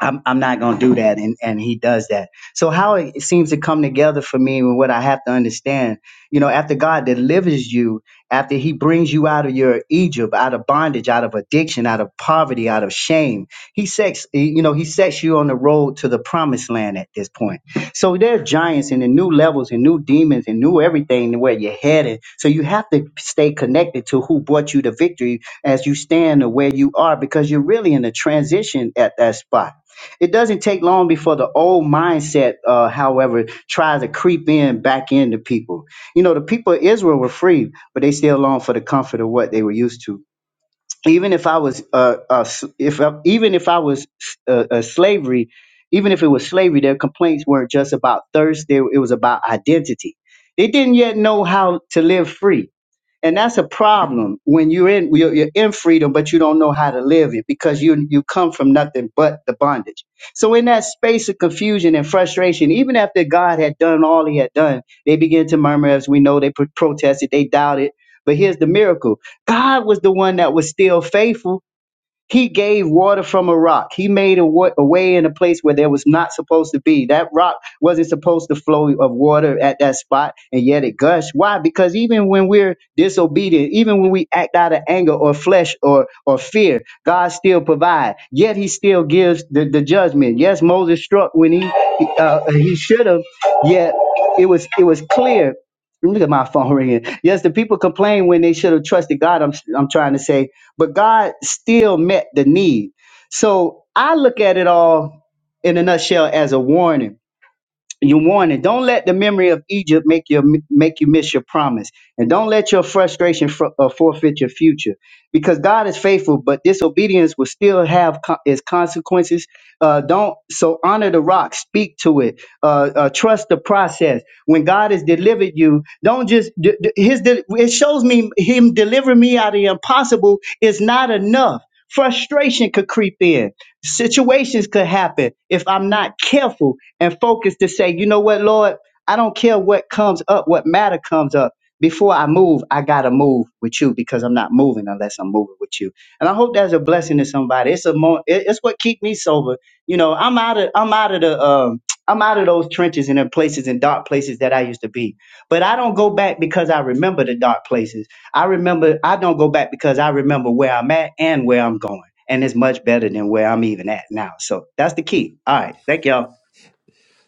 F: I'm, I'm not going to do that. And, and he does that. So how it seems to come together for me and what I have to understand, you know, after God delivers you, after he brings you out of your Egypt, out of bondage, out of addiction, out of poverty, out of shame, he sets, you know, he sets you on the road to the promised land at this point. So there are giants and the new levels and new demons and new everything where you're headed. So you have to stay connected to who brought you the victory as you stand or where you are because you're really in a transition at that spot it doesn't take long before the old mindset, uh, however, tries to creep in back into people. You know, the people of Israel were free, but they still long for the comfort of what they were used to. Even if I was, uh, uh, s- if I, even if I was uh, uh, slavery, even if it was slavery, their complaints weren't just about thirst; they, it was about identity. They didn't yet know how to live free and that's a problem when you're in you're, you're in freedom but you don't know how to live it because you you come from nothing but the bondage so in that space of confusion and frustration even after god had done all he had done they began to murmur as we know they pro- protested they doubted but here's the miracle god was the one that was still faithful he gave water from a rock. He made a, wa- a way in a place where there was not supposed to be. That rock wasn't supposed to flow of water at that spot, and yet it gushed. Why? Because even when we're disobedient, even when we act out of anger or flesh or, or fear, God still provides. Yet He still gives the, the judgment. Yes, Moses struck when he uh, he should have. Yet it was it was clear Look at my phone ringing. Yes, the people complain when they should have trusted God. I'm I'm trying to say, but God still met the need. So I look at it all in a nutshell as a warning you wanted. Don't let the memory of Egypt make you make you miss your promise, and don't let your frustration fr- uh, forfeit your future, because God is faithful. But disobedience will still have co- its consequences. Uh, don't so honor the rock, speak to it, uh, uh, trust the process. When God has delivered you, don't just d- d- his. De- it shows me Him delivering me out of the impossible is not enough. Frustration could creep in situations could happen if I'm not careful and focused to say, you know what, Lord, I don't care what comes up, what matter comes up. Before I move, I gotta move with you because I'm not moving unless I'm moving with you. And I hope that's a blessing to somebody. It's a mo- it- it's what keep me sober. You know, I'm out of I'm out of the um I'm out of those trenches and the places and dark places that I used to be. But I don't go back because I remember the dark places. I remember I don't go back because I remember where I'm at and where I'm going and it's much better than where I'm even at now. So that's the key. All right. Thank y'all.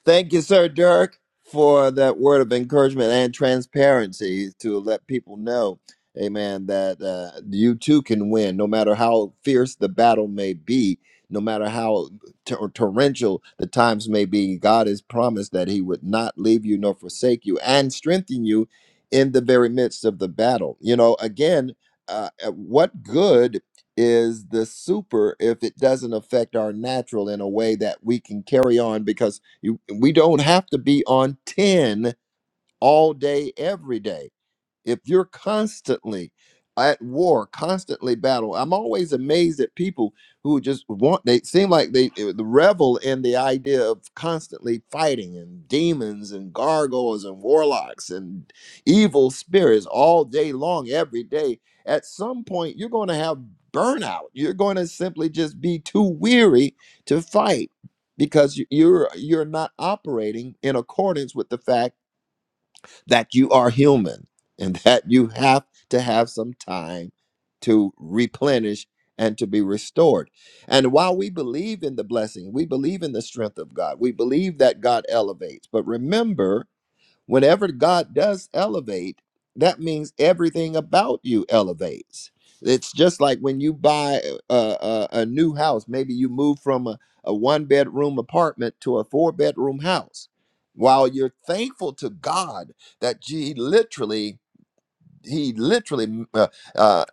A: Thank you, Sir Dirk, for that word of encouragement and transparency to let people know, amen, that uh, you too can win, no matter how fierce the battle may be, no matter how tor- torrential the times may be. God has promised that He would not leave you nor forsake you and strengthen you in the very midst of the battle. You know, again, uh, uh, what good is the super if it doesn't affect our natural in a way that we can carry on because you, we don't have to be on 10 all day, every day if you're constantly at war, constantly battle, I'm always amazed at people who just want, they seem like they uh, revel in the idea of constantly fighting and demons and gargoyles and warlocks and evil spirits all day long, every day. At some point, you're going to have burnout. You're going to simply just be too weary to fight because you- you're you're not operating in accordance with the fact that you are human and that you have to have some time to replenish and to be restored. And while we believe in the blessing, we believe in the strength of God, we believe that God elevates. But remember, whenever God does elevate, that means everything about you elevates. It's just like when you buy a, a, a new house, maybe you move from a, a one bedroom apartment to a four bedroom house. While you're thankful to God that He literally, He literally uh, uh,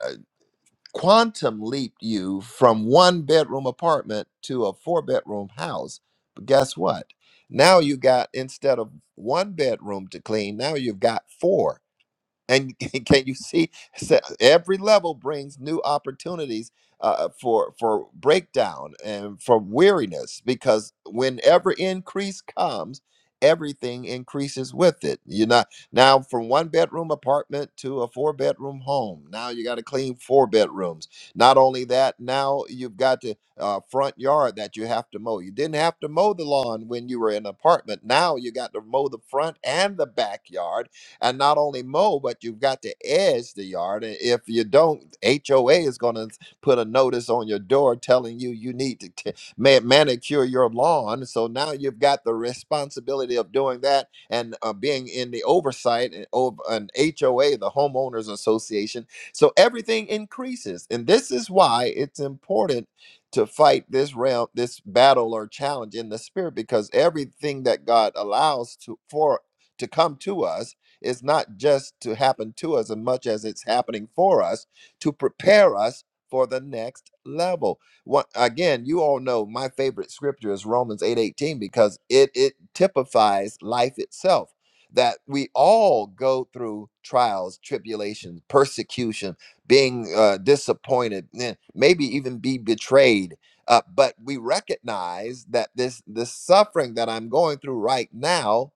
A: quantum leaped you from one bedroom apartment to a four bedroom house. But guess what? Now you got instead of one bedroom to clean, now you've got four and can you see so every level brings new opportunities uh, for for breakdown and for weariness because whenever increase comes, everything increases with it. You're not now from one bedroom apartment to a four bedroom home. Now you got to clean four bedrooms. Not only that, now you've got the uh, front yard that you have to mow. You didn't have to mow the lawn when you were in an apartment. Now you got to mow the front and the backyard and not only mow, but you've got to edge the yard. And if you don't, HOA is going to put a notice on your door telling you you need to t- ma- manicure your lawn. So now you've got the responsibility of doing that and uh, being in the oversight and of an HOA, the homeowners association. So everything increases, and this is why it's important to fight this realm, this battle or challenge in the spirit, because everything that God allows to for to come to us is not just to happen to us as much as it's happening for us to prepare us for the next level. What again, you all know my favorite scripture is Romans 8:18 because it it typifies life itself that we all go through trials, tribulations, persecution, being uh, disappointed, eh, maybe even be betrayed. Uh, but we recognize that this this suffering that I'm going through right now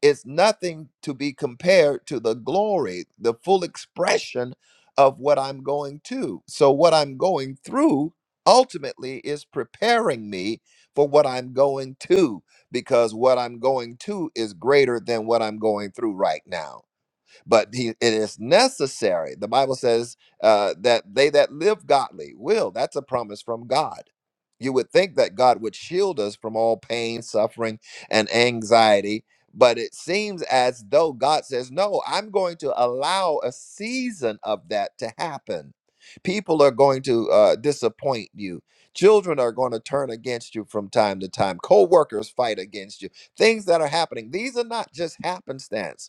A: it's nothing to be compared to the glory, the full expression of what I'm going to. So, what I'm going through ultimately is preparing me for what I'm going to, because what I'm going to is greater than what I'm going through right now but he, it is necessary. The Bible says uh, that they that live godly will. That's a promise from God. You would think that God would shield us from all pain, suffering, and anxiety, but it seems as though God says, No, I'm going to allow a season of that to happen. People are going to uh, disappoint you. Children are going to turn against you from time to time. Co workers fight against you. Things that are happening, these are not just happenstance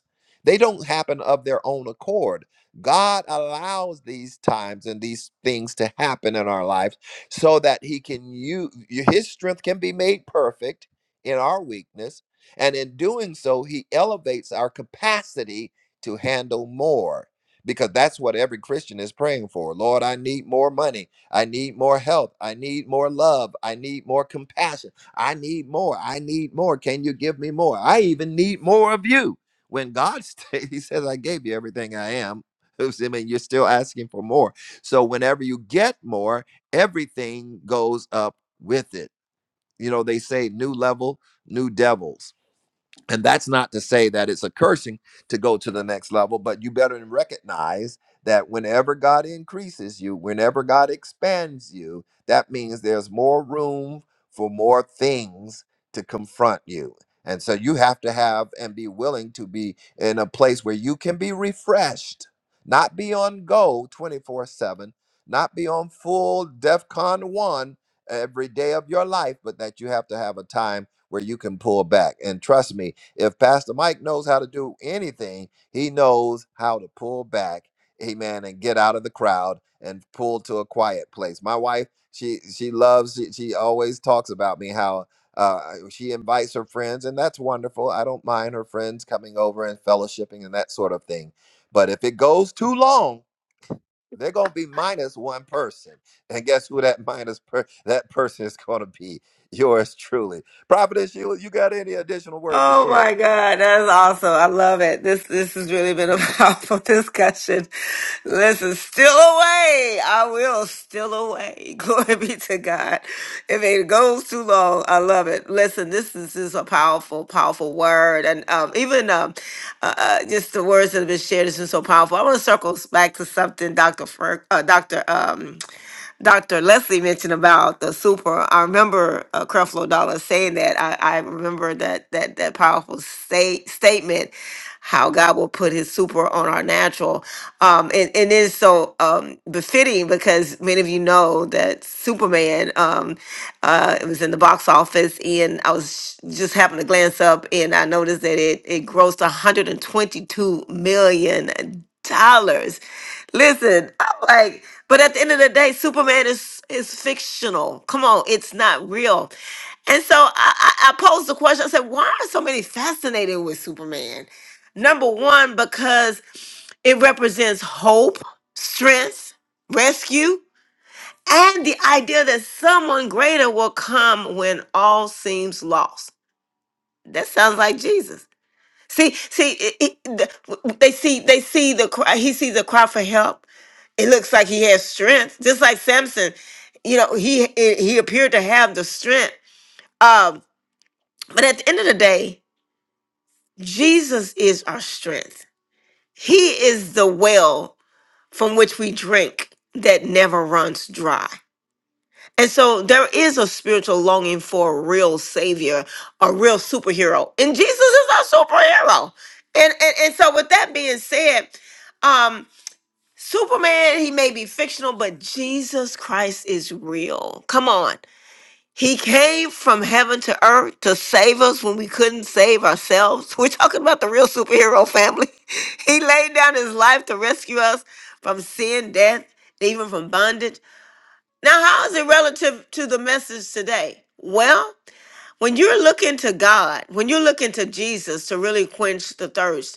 A: they don't happen of their own accord. God allows these times and these things to happen in our lives so that he can use his strength can be made perfect in our weakness and in doing so he elevates our capacity to handle more because that's what every Christian is praying for. Lord, I need more money. I need more health. I need more love. I need more compassion. I need more. I need more. Can you give me more? I even need more of you when God stays, He says, I gave you everything I am. Oops, I mean, you're still asking for more. So whenever you get more, everything goes up with it. You know, they say new level, new devils. And that's not to say that it's a cursing to go to the next level, but you better recognize that whenever God increases you, whenever God expands you, that means there's more room for more things to confront you. And so you have to have and be willing to be in a place where you can be refreshed, not be on go 24 7, not be on full DEFCON 1 every day of your life, but that you have to have a time where you can pull back. And trust me, if Pastor Mike knows how to do anything, he knows how to pull back, amen, and get out of the crowd and pull to a quiet place. My wife, she she loves, she, she always talks about me how uh, she invites her friends, and that's wonderful. I don't mind her friends coming over and fellowshipping and that sort of thing. But if it goes too long, they're gonna be minus one person, and guess who that minus per- that person is gonna be? Yours truly, Prophetess Sheila. You got any additional words to
B: Oh my
A: share?
B: God, that is awesome. I love it. This this has really been a powerful discussion. Listen, still away. I will still away. Glory be to God. If it goes too long, I love it. Listen, this is, this is a powerful, powerful word. And um, even um, uh, uh, just the words that have been shared has been so powerful. I want to circle back to something Dr. Fer- uh, Dr. Dr. Leslie mentioned about the super. I remember uh, Creflo Dollar saying that. I, I remember that that that powerful state, statement, how God will put His super on our natural, um, and, and it is so um, befitting because many of you know that Superman. Um, uh, it was in the box office, and I was sh- just happened to glance up, and I noticed that it it grossed 122 million dollars Listen, I'm like, but at the end of the day, Superman is is fictional. Come on, it's not real. And so I, I, I posed the question. I said, why are so many fascinated with Superman? Number one, because it represents hope, strength, rescue, and the idea that someone greater will come when all seems lost. That sounds like Jesus. See, see, it, it, the- they see, they see the cry. He sees a cry for help. It looks like he has strength, just like Samson. You know, he he appeared to have the strength. Um, but at the end of the day, Jesus is our strength. He is the well from which we drink that never runs dry. And so there is a spiritual longing for a real savior, a real superhero. And Jesus is our superhero. And and, and so with that being said, um Superman, he may be fictional, but Jesus Christ is real. Come on. He came from heaven to earth to save us when we couldn't save ourselves. We're talking about the real superhero family. He laid down his life to rescue us from sin, death, even from bondage. Now, how is it relative to the message today? Well, when you're looking to God, when you're looking to Jesus to really quench the thirst,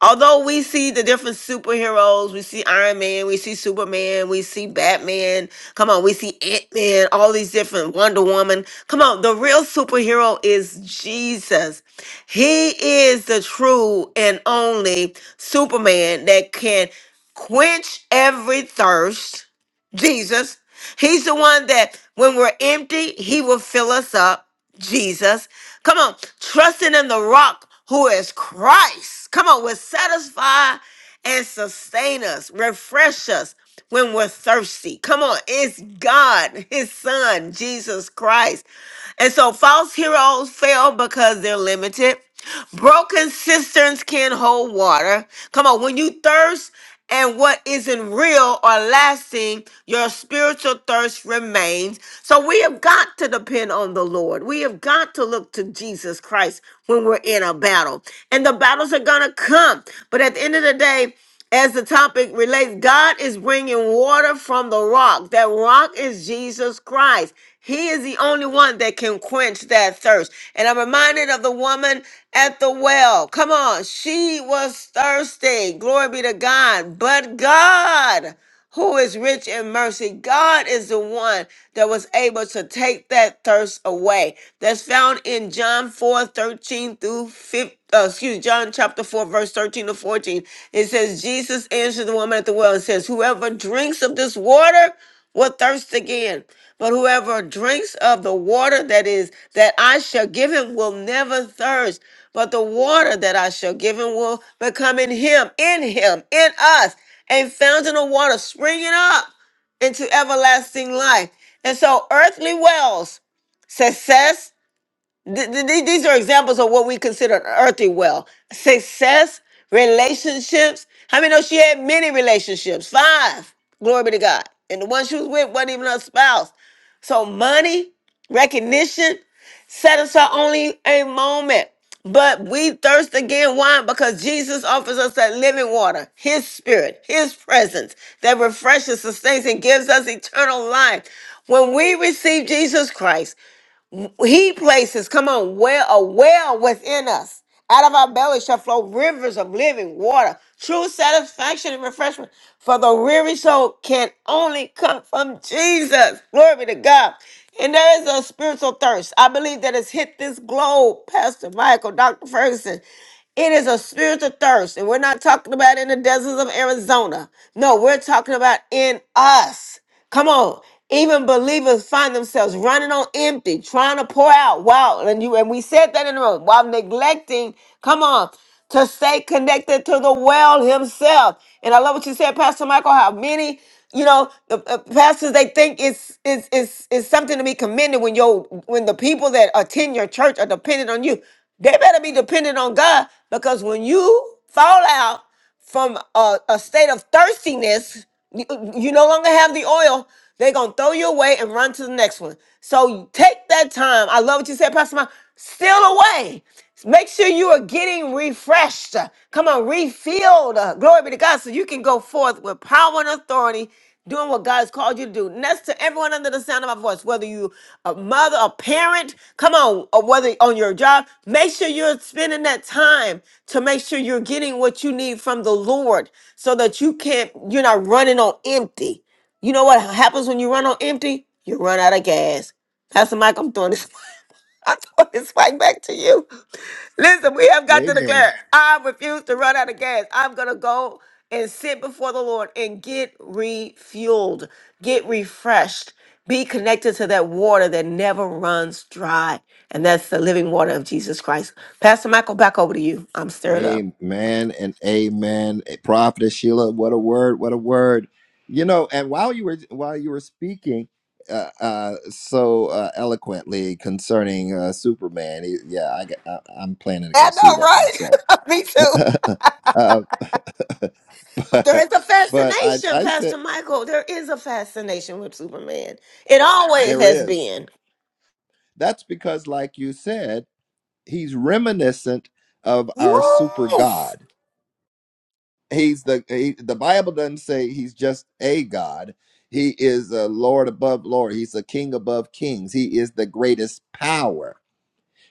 B: Although we see the different superheroes, we see Iron Man, we see Superman, we see Batman. Come on, we see Ant Man, all these different Wonder Woman. Come on, the real superhero is Jesus. He is the true and only Superman that can quench every thirst. Jesus. He's the one that when we're empty, he will fill us up. Jesus. Come on, trusting in the rock who is Christ. Come on, will satisfy and sustain us, refresh us when we're thirsty. Come on, it's God, His Son, Jesus Christ. And so false heroes fail because they're limited. Broken cisterns can't hold water. Come on, when you thirst and what isn't real or lasting, your spiritual thirst remains. So we have got to depend on the Lord. We have got to look to Jesus Christ when we're in a battle. And the battles are going to come. But at the end of the day, as the topic relates, God is bringing water from the rock. That rock is Jesus Christ. He is the only one that can quench that thirst. And I'm reminded of the woman at the well. Come on, she was thirsty. Glory be to God. But God who is rich in mercy. God is the one that was able to take that thirst away. That's found in John 4 13 through 15. Uh, excuse John chapter 4, verse 13 to 14. It says, Jesus answered the woman at the well and says, Whoever drinks of this water will thirst again. But whoever drinks of the water that is that I shall give him will never thirst. But the water that I shall give him will become in him, in him, in us a fountain of water springing up into everlasting life. And so, earthly wells, success, th- th- th- these are examples of what we consider an earthly well. Success, relationships. How many know she had many relationships? Five. Glory be to God. And the one she was with wasn't even her spouse. So, money, recognition. Set aside only a moment. But we thirst again. Why? Because Jesus offers us that living water, His Spirit, His presence that refreshes, sustains, and gives us eternal life. When we receive Jesus Christ, he places, come on, well, a well within us. Out of our belly shall flow rivers of living water, true satisfaction and refreshment. For the weary soul can only come from Jesus. Glory be to God. And there is a spiritual thirst. I believe that has hit this globe, Pastor Michael, Dr. Ferguson. It is a spiritual thirst. And we're not talking about in the deserts of Arizona. No, we're talking about in us. Come on. Even believers find themselves running on empty, trying to pour out. Wow. And you and we said that in the room while neglecting, come on, to stay connected to the well himself. And I love what you said, Pastor Michael, how many, you know, the uh, pastors they think it's it's it's it's something to be commended when your when the people that attend your church are dependent on you. They better be dependent on God because when you fall out, from a, a state of thirstiness, you, you no longer have the oil. They're gonna throw you away and run to the next one. So you take that time. I love what you said, Pastor Mike. Steal away. Make sure you are getting refreshed. Come on, refilled. Uh, Glory be to God. So you can go forth with power and authority doing what God's called you to do. And that's to everyone under the sound of my voice, whether you a mother, a parent, come on, or whether on your job, make sure you're spending that time to make sure you're getting what you need from the Lord so that you can't, you're not running on empty. You know what happens when you run on empty? You run out of gas. Pastor Mike, I'm throwing this, I'm throwing this right back to you. Listen, we have got to
A: Amen.
B: declare, I refuse to run out of gas. I'm going to go and sit before the Lord and get refueled, get refreshed, be connected to that water that never runs dry. And that's the living water of Jesus Christ. Pastor Michael, back over to you. I'm stirred up.
A: Amen and amen. Prophet Sheila, what a word, what a word. You know, and while you were while you were speaking uh, uh, so uh, eloquently concerning uh, Superman, he- yeah, I, got- I, I'm planning to go
B: I know,
A: see that myself.
B: right? Me too.
A: uh,
B: But there
A: but
B: is a
A: but I,
B: fascination,
A: I said
B: Pastor Michael. There is a fascination with Superman. It always
A: there
B: has
A: is.
B: been.
A: That's because, like you said. he's reminiscent of our super
B: Yes.
A: god he's the he, the bible doesn't say he's just a god he is a lord above lord he's a king above kings he is the greatest power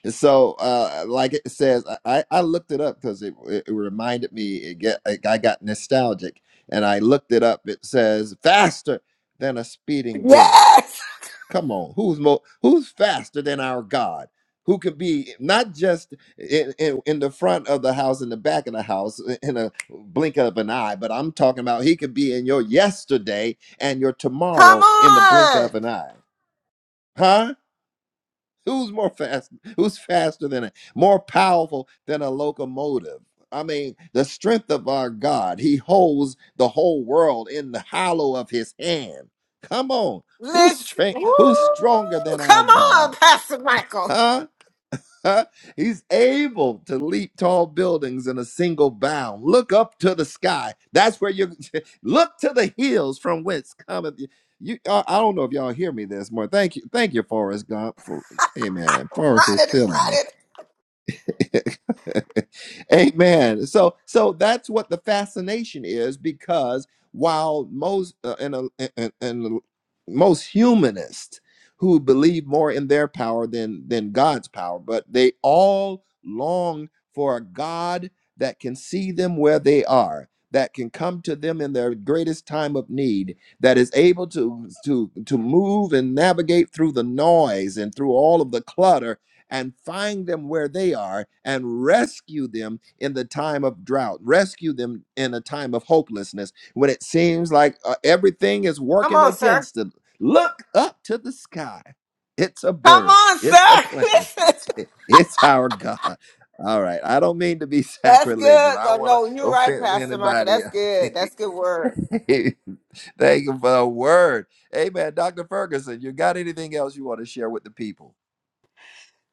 A: and so uh like it says i i I looked it up because it, it reminded me it get like i got nostalgic and i looked it up it says faster than a speeding bullet
B: Yes.
A: Come on, who's mo- who's faster than our God? Who could be not just in, in, in the front of the house, in the back of the house, i- in a blink of an eye, but I'm talking about he could be in your yesterday and your
B: Come
A: tomorrow in the blink
B: on.
A: of an eye. Huh? Who's more fast? Who's faster than a more powerful than a locomotive? I mean, the strength of our God. He holds the whole world in the hollow of his hand. Come on. Who's
B: Listen,
A: strength?
B: Woo!
A: Who's stronger than our
B: come
A: God?
B: on, Pastor Michael.
A: Huh? He's able to leap tall buildings in a single bound. Look up to the sky. That's where you look to the hills from whence cometh. You, you I, I don't know if y'all hear me this more. Thank you, thank you, Forrest Gump. For amen. Forrest
B: Run
A: is
B: it,
A: feeling
B: run
A: me.
B: it.
A: Amen. So so that's what the fascination is because while most uh, and, uh, and and most humanists who believe more in their power than than God's power, but they all long for a God that can see them where they are, that can come to them in their greatest time of need, that is able to to to move and navigate through the noise and through all of the clutter and find them where they are and rescue them in the time of drought, rescue them in a time of hopelessness when it seems like uh, everything is
B: Come
A: working
B: on, sir.
A: against them. Look up to the sky. It's a
B: Come
A: bird,
B: on,
A: it's a
B: sir.
A: plane,
B: Listen,
A: it's our God. All right, I don't mean to be
B: that's
A: sacrilegious.
B: good.
A: I
B: No,
A: don't want
B: no,
A: to
B: you're right,
A: offend
B: Pastor Michael.
A: anybody.
B: That's good. That's good word.
A: Thank you for the word. Amen. Dr. Ferguson, you got anything else you want to share with the people?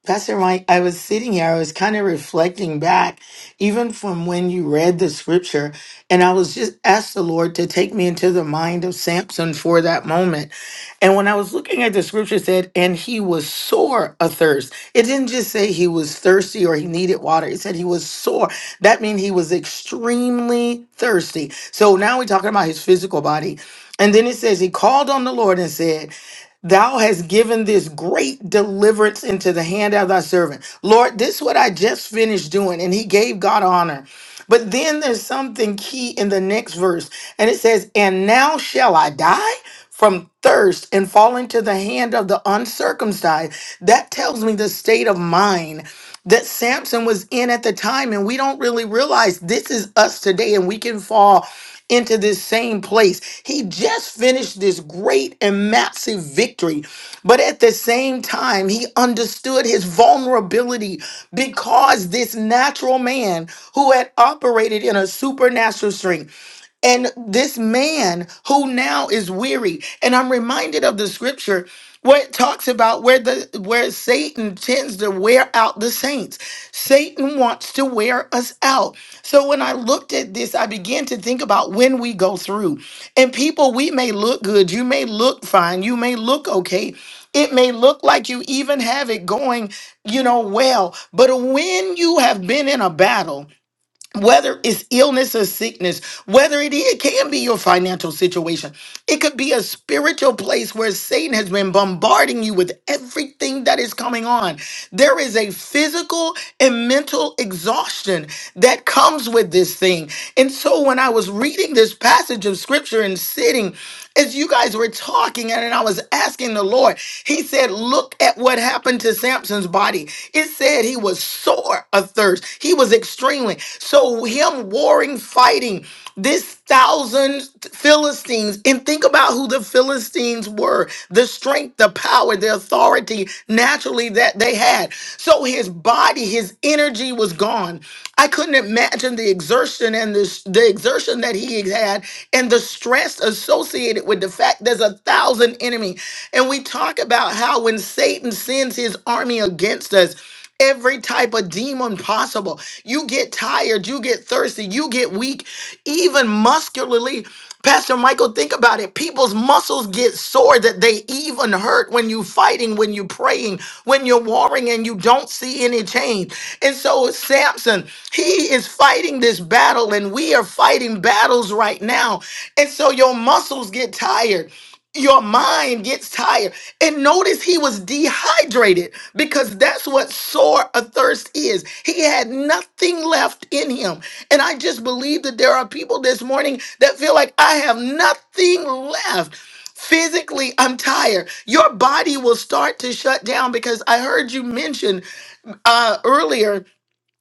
C: Pastor Mike, I was sitting here, I was kind of reflecting back, even from when you read the scripture, and I was just asked the Lord to take me into the mind of Samson for that moment. And when I was looking at the scripture, it said, and he was sore athirst. It didn't just say he was thirsty or he needed water, it said he was sore. That means he was extremely thirsty. So now we're talking about his physical body. And then it says, he called on the Lord and said, Thou hast given this great deliverance into the hand of thy servant. Lord, this is what I just finished doing. And he gave God honor. But then there's something key in the next verse. And it says, And now shall I die from thirst and fall into the hand of the uncircumcised. That tells me the state of mind that Samson was in at the time. And we don't really realize this is us today. And we can fall into this same place. He just finished this great and massive victory, but at the same time, he understood his vulnerability because this natural man who had operated in a supernatural strength and this man who now is weary and i'm reminded of the scripture where it talks about where the where satan tends to wear out the saints satan wants to wear us out so when i looked at this i began to think about when we go through and people we may look good you may look fine you may look okay it may look like you even have it going you know well but when you have been in a battle whether it's illness or sickness, whether it, is- it can be your financial situation, it could be a spiritual place where Satan has been bombarding you with everything that is coming on. There is a physical and mental exhaustion that comes with this thing. And so when I was reading this passage of scripture and sitting, as you guys were talking and I was asking the Lord, He said, Look at what happened to Samson's body. It said he was sore of thirst, he was extremely. So, him warring, fighting this thousand Philistines, and think about who the Philistines were the strength, the power, the authority naturally that that they had. So his body, his energy was gone. I couldn't imagine the exertion and the, the exertion that he had and the stress associated with the fact there's a thousand enemy. And we talk about how when Satan sends his army against us, every type of demon possible. You get tired, you get thirsty, you get weak, even muscularly. Pastor Michael, think about it. People's muscles get sore that they even hurt when you fighting, when you praying, when you're warring and you don't see any change. And so Samson, he is fighting this battle and we are fighting battles right now. And so your muscles get tired your mind gets tired. And notice he was dehydrated because that's what sore a thirst is. He had nothing left in him. And I just believe that there are people this morning that feel like I have nothing left. Physically, I'm tired. Your body will start to shut down because I heard you mention uh, earlier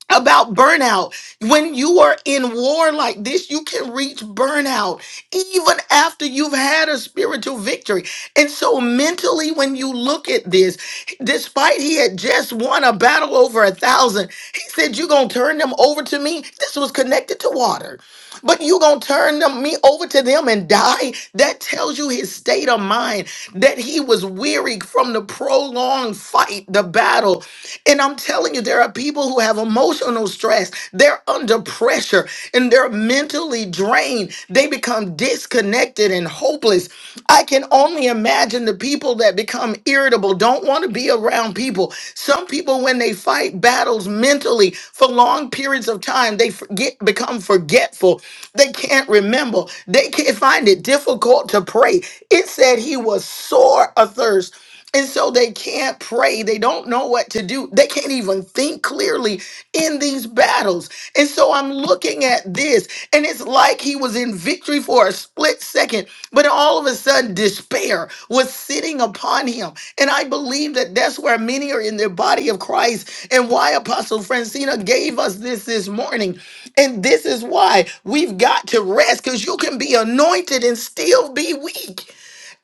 C: about burnout. When you are in war like this, you can reach burnout even after you've had a spiritual victory. And so, mentally, when you look at this, despite he had just won a battle over a thousand, he said, You're going to turn them over to me. This was connected to water but you gonna turn them me over to them and die that tells you his state of mind that he was weary from the prolonged fight the battle and i'm telling you there are people who have emotional stress they're under pressure and they're mentally drained they become disconnected and hopeless i can only imagine the people that become become irritable, don't want to be around people. Some people, when they fight battles mentally for long periods of time, they forget, become forgetful. They can't remember. They can't find it difficult to pray. It said he was sore athirst. And so they can't pray. They don't know what to do. They can't even think clearly in these battles. And so I'm looking at this, and it's like he was in victory for a split second, but all of a sudden, despair was sitting upon him. And I believe that that's where many are in the body of Christ, and why Apostle Francina gave us this this morning. And this is why we've got to rest because you can be anointed and still be weak.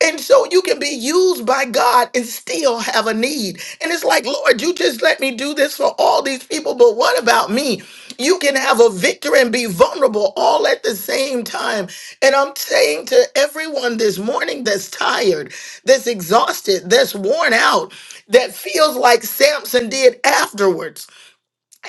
C: And so you can be used by God and still have a need. And it's like, Lord, you just let me do this for all these people, but what about me? You can have a victor and be vulnerable all at the same time. And I'm saying to everyone this morning that's tired, that's exhausted, that's worn out, that feels like Samson did afterwards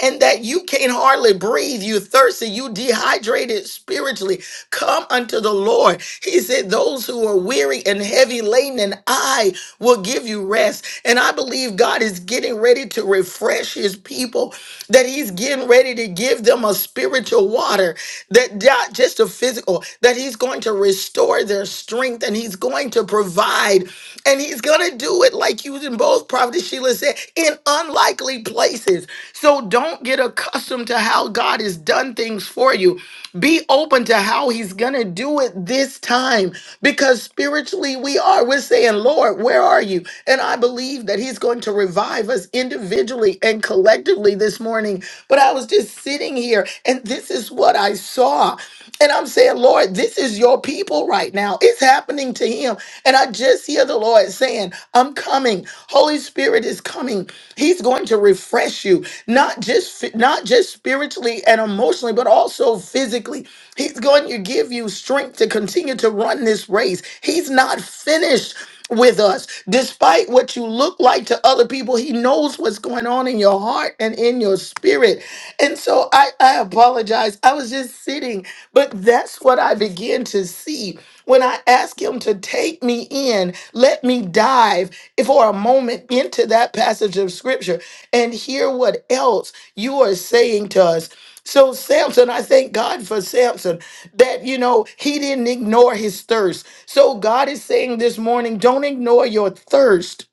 C: and that you can hardly breathe. You thirsty, you dehydrated spiritually. Come unto the Lord. He said, Those who are weary and heavy laden, and I will give you rest. And I believe God is getting ready to refresh his people, that he's getting ready to give them a spiritual water, that not just a physical, that he's going to restore their strength and he's going to provide provide. And he's going to do it, like you and both Prophet Sheila said, in unlikely places. So don't get accustomed to how God has done things for you. Be open to how he's going to do it this time because spiritually we are. We're saying, Lord, where are you? And I believe that he's going to revive us individually and collectively this morning. But I was just sitting here and this is what I saw. And I'm saying, Lord, this is your people right now. It's happening to him. And I just hear the Lord saying, I'm coming. Holy Spirit is coming. He's going to refresh you, not just not just spiritually and emotionally, but also physically. He's going to give you strength to continue to run this race. He's not finished with us. Despite what you look like to other people, He knows what's going on in your heart and in your spirit. And so I, I apologize. I was just sitting, but that's what I began to see when I asked Him to take me in, let me dive for a moment into that passage of Scripture and hear what else you are saying to us. So, Samson, I thank God for Samson that, you know, he didn't ignore his thirst. So God is saying this morning, don't ignore your thirst.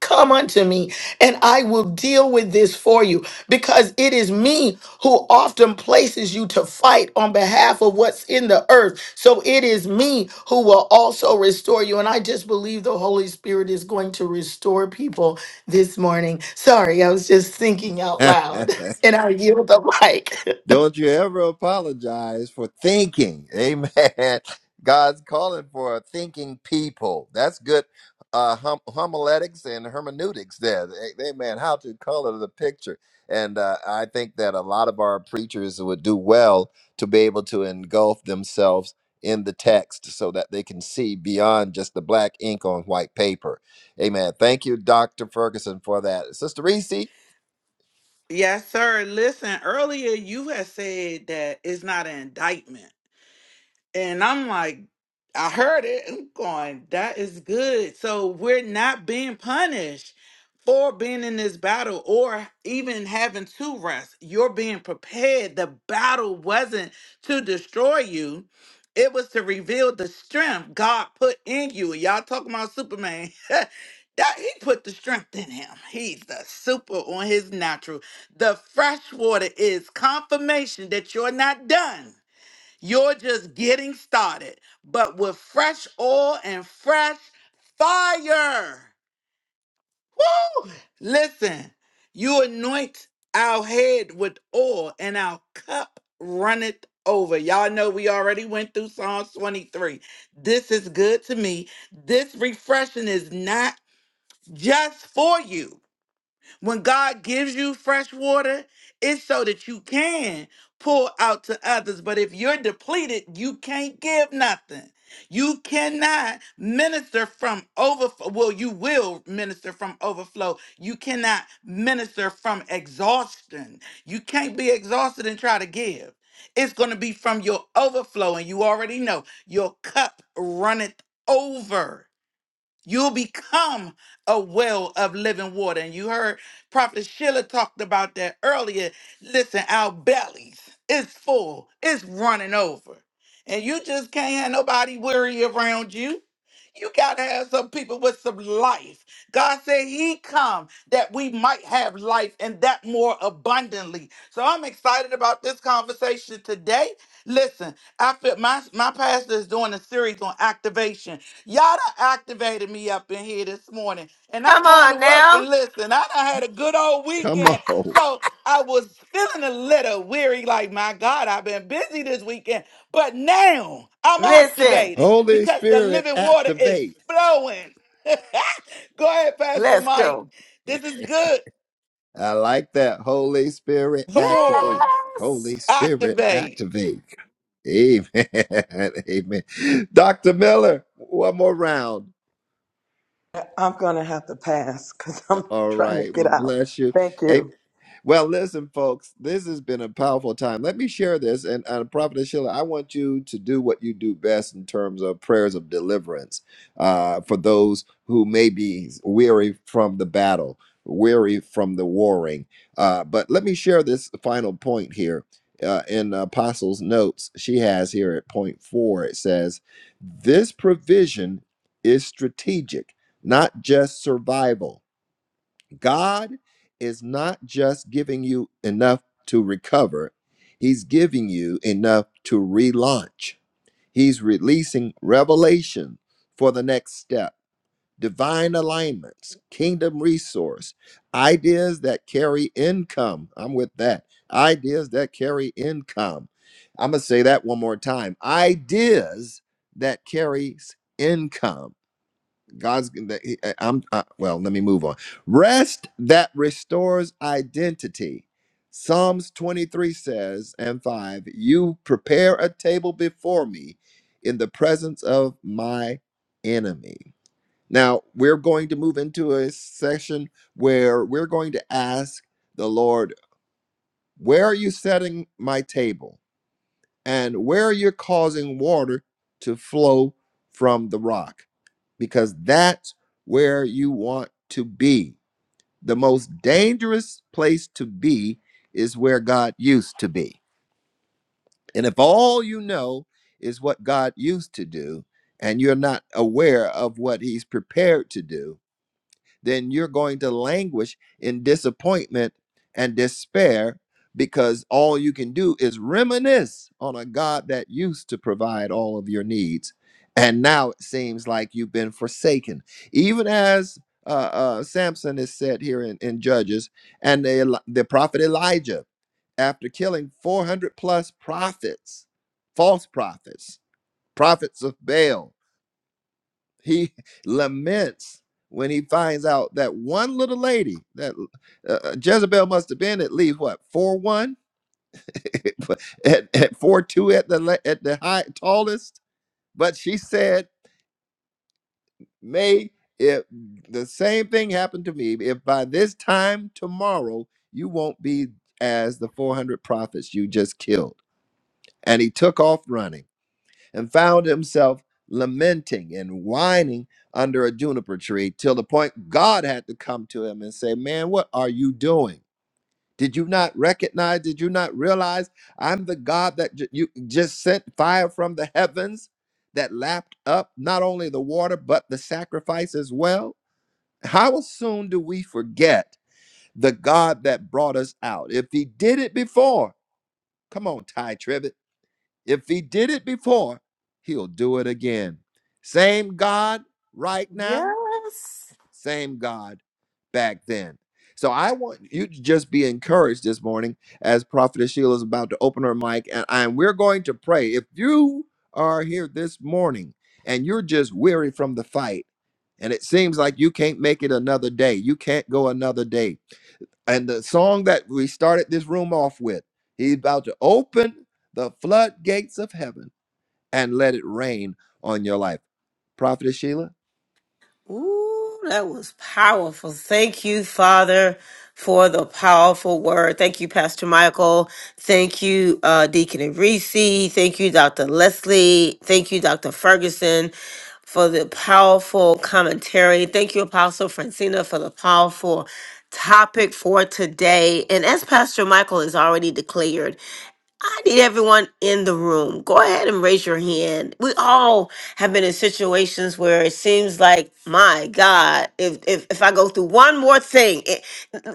C: Come unto me and I will deal with this for you because it is me who often places you to fight on behalf of what's in the earth. So it is me who will also restore you. And I just believe the Holy Spirit is going to restore people this morning. Sorry, I was just thinking out loud and I yield the mic.
A: Don't you ever apologize for thinking. Amen. God's calling for a thinking people. That's good uh, hum- homiletics and hermeneutics there. A- Amen. How to color the picture. And uh, I think that a lot of our preachers would do well to be able to engulf themselves in the text so that they can see beyond just the black ink on white paper. Amen. Thank you, Dr. Ferguson, for that. Sister Reese,
D: Yes, sir. Listen, earlier you had said that it's not an indictment And I'm like, I heard it. I'm going, that is good. So we're not being punished for being in this battle or even having to rest. You're being prepared. The battle wasn't to destroy you. It was to reveal the strength God put in you. Y'all talking about Superman. that he put the strength in him. He's the super on his natural. The fresh water is confirmation that you're not done. You're just getting started, but with fresh oil and fresh fire. Woo! Listen, you anoint our head with oil and our cup runneth over. Y'all know we already went through Psalms 23. This is good to me. This refreshing is not just for you. When God gives you fresh water, it's so that you can pour out to others. But if you're depleted, you can't give nothing. You cannot minister from overflow. Well, you will minister from overflow. You cannot minister from exhaustion. You can't be exhausted and try to give. It's going to be from your overflow. And you already know your cup runneth over. You'll become a well of living water. And you heard Prophet Sheila talked about that earlier. Listen, our bellies is full, it's running over. And you just can't have nobody worry around you. You got to have some people with some life. God said he come that we might have life and that more abundantly. So I'm excited about this conversation today. Listen, I feel my, my pastor is doing a series on activation. Y'all done activated me up in here this morning. And I'm
B: Come
D: going to
B: on
D: work
B: now.
D: and listen, I done had a good old
A: come
D: weekend.
A: on.
D: So I was feeling a little weary, like, my God, I've been busy this weekend. But now I'm
B: Listen,
D: activated
A: Holy
D: because the
A: Spirit,
D: living water is
A: activate.
D: flowing. Go ahead, Pastor
B: let's
D: Mike.
B: go.
D: This is good.
A: I like that. Holy Spirit
D: Come on.
A: activate. Holy
B: Yes,
A: Spirit
D: Activate.
A: activate. Amen. Amen. Dr. Miller, one more round.
E: I- I'm going to have to pass because I'm
A: All
E: trying to
A: right.
E: get
A: Well,
E: out.
A: bless you.
E: Thank you.
A: Hey, well, listen, folks, this has been a powerful time. Let me share this. And uh, Prophet Sheila, I want you to do what you do best in terms of prayers of deliverance uh, for those who may be weary from the battle, weary from the warring. Uh, but let me share this final point here. Uh, in Apostles' notes, she has here at point four, it says, This provision is strategic, not just survival. God is not just giving you enough to recover, He's giving you enough to relaunch. He's releasing revelation for the next step, divine alignments, kingdom resource, ideas that carry income. I'm with that. Ideas that carry income. I'm going to say that one more time. Ideas that carries income God's I'm I- am uh, well, let me move on. Rest that restores identity. Psalms 23 says, and 5, you prepare a table before me in the presence of my enemy. Now, we're going to move into a session where we're going to ask the Lord, where are you setting my table? and where you're causing water to flow from the rock, because that's where you want to be. The most dangerous place to be is where God used to be. And if all you know is what God used to do, and you're not aware of what He's prepared to do, then you're going to languish in disappointment and despair because all you can do is reminisce on a God that used to provide all of your needs. And now it seems like you've been forsaken. Even as uh, uh, Samson is said here in, in Judges, and the, Eli- the prophet Elijah, after killing 400 plus prophets, false prophets, prophets of Baal, he laments when he finds out that one little lady, that uh, uh, Jezebel must have been at least what four one, at, at four two at the la- at the high tallest. But she said, "May if the same thing happened to me, if by this time tomorrow you won't be as the four hundred prophets you just killed." And he took off running. and found himself lamenting and whining under a juniper tree till the point God had to come to him and say, Man, what are you doing? Did you not recognize? Did you not realize I'm the God that j- you just sent fire from the heavens that lapped up not only the water, but the sacrifice as well? How soon do we forget the God that brought us out? If he did it before, come on, Ty Tribbett. If he did it before, he'll do it again. Same God right now,
B: yes.
A: same God back then. So I want you to just be encouraged this morning as Prophetess Sheila is about to open her mic and, and we're going to pray. If you are here this morning and you're just weary from the fight and it seems like you can't make it another day, you can't go another day. And the song that we started this room off with, he's about to open the floodgates of heaven and let it rain on your life. Prophetess Sheila?
B: Ooh, that was powerful. Thank you, Father, for the powerful word. Thank you, Pastor Michael. Thank you, uh, Deacon Reese. Thank you, Dr. Leslie. Thank you, Dr. Ferguson, for the powerful commentary. Thank you, Apostle Francina, for the powerful topic for today. And as Pastor Michael has already declared, I need everyone in the room. Go ahead and raise your hand. We all have been in situations where it seems like, my God, if if, if I go through one more thing, it,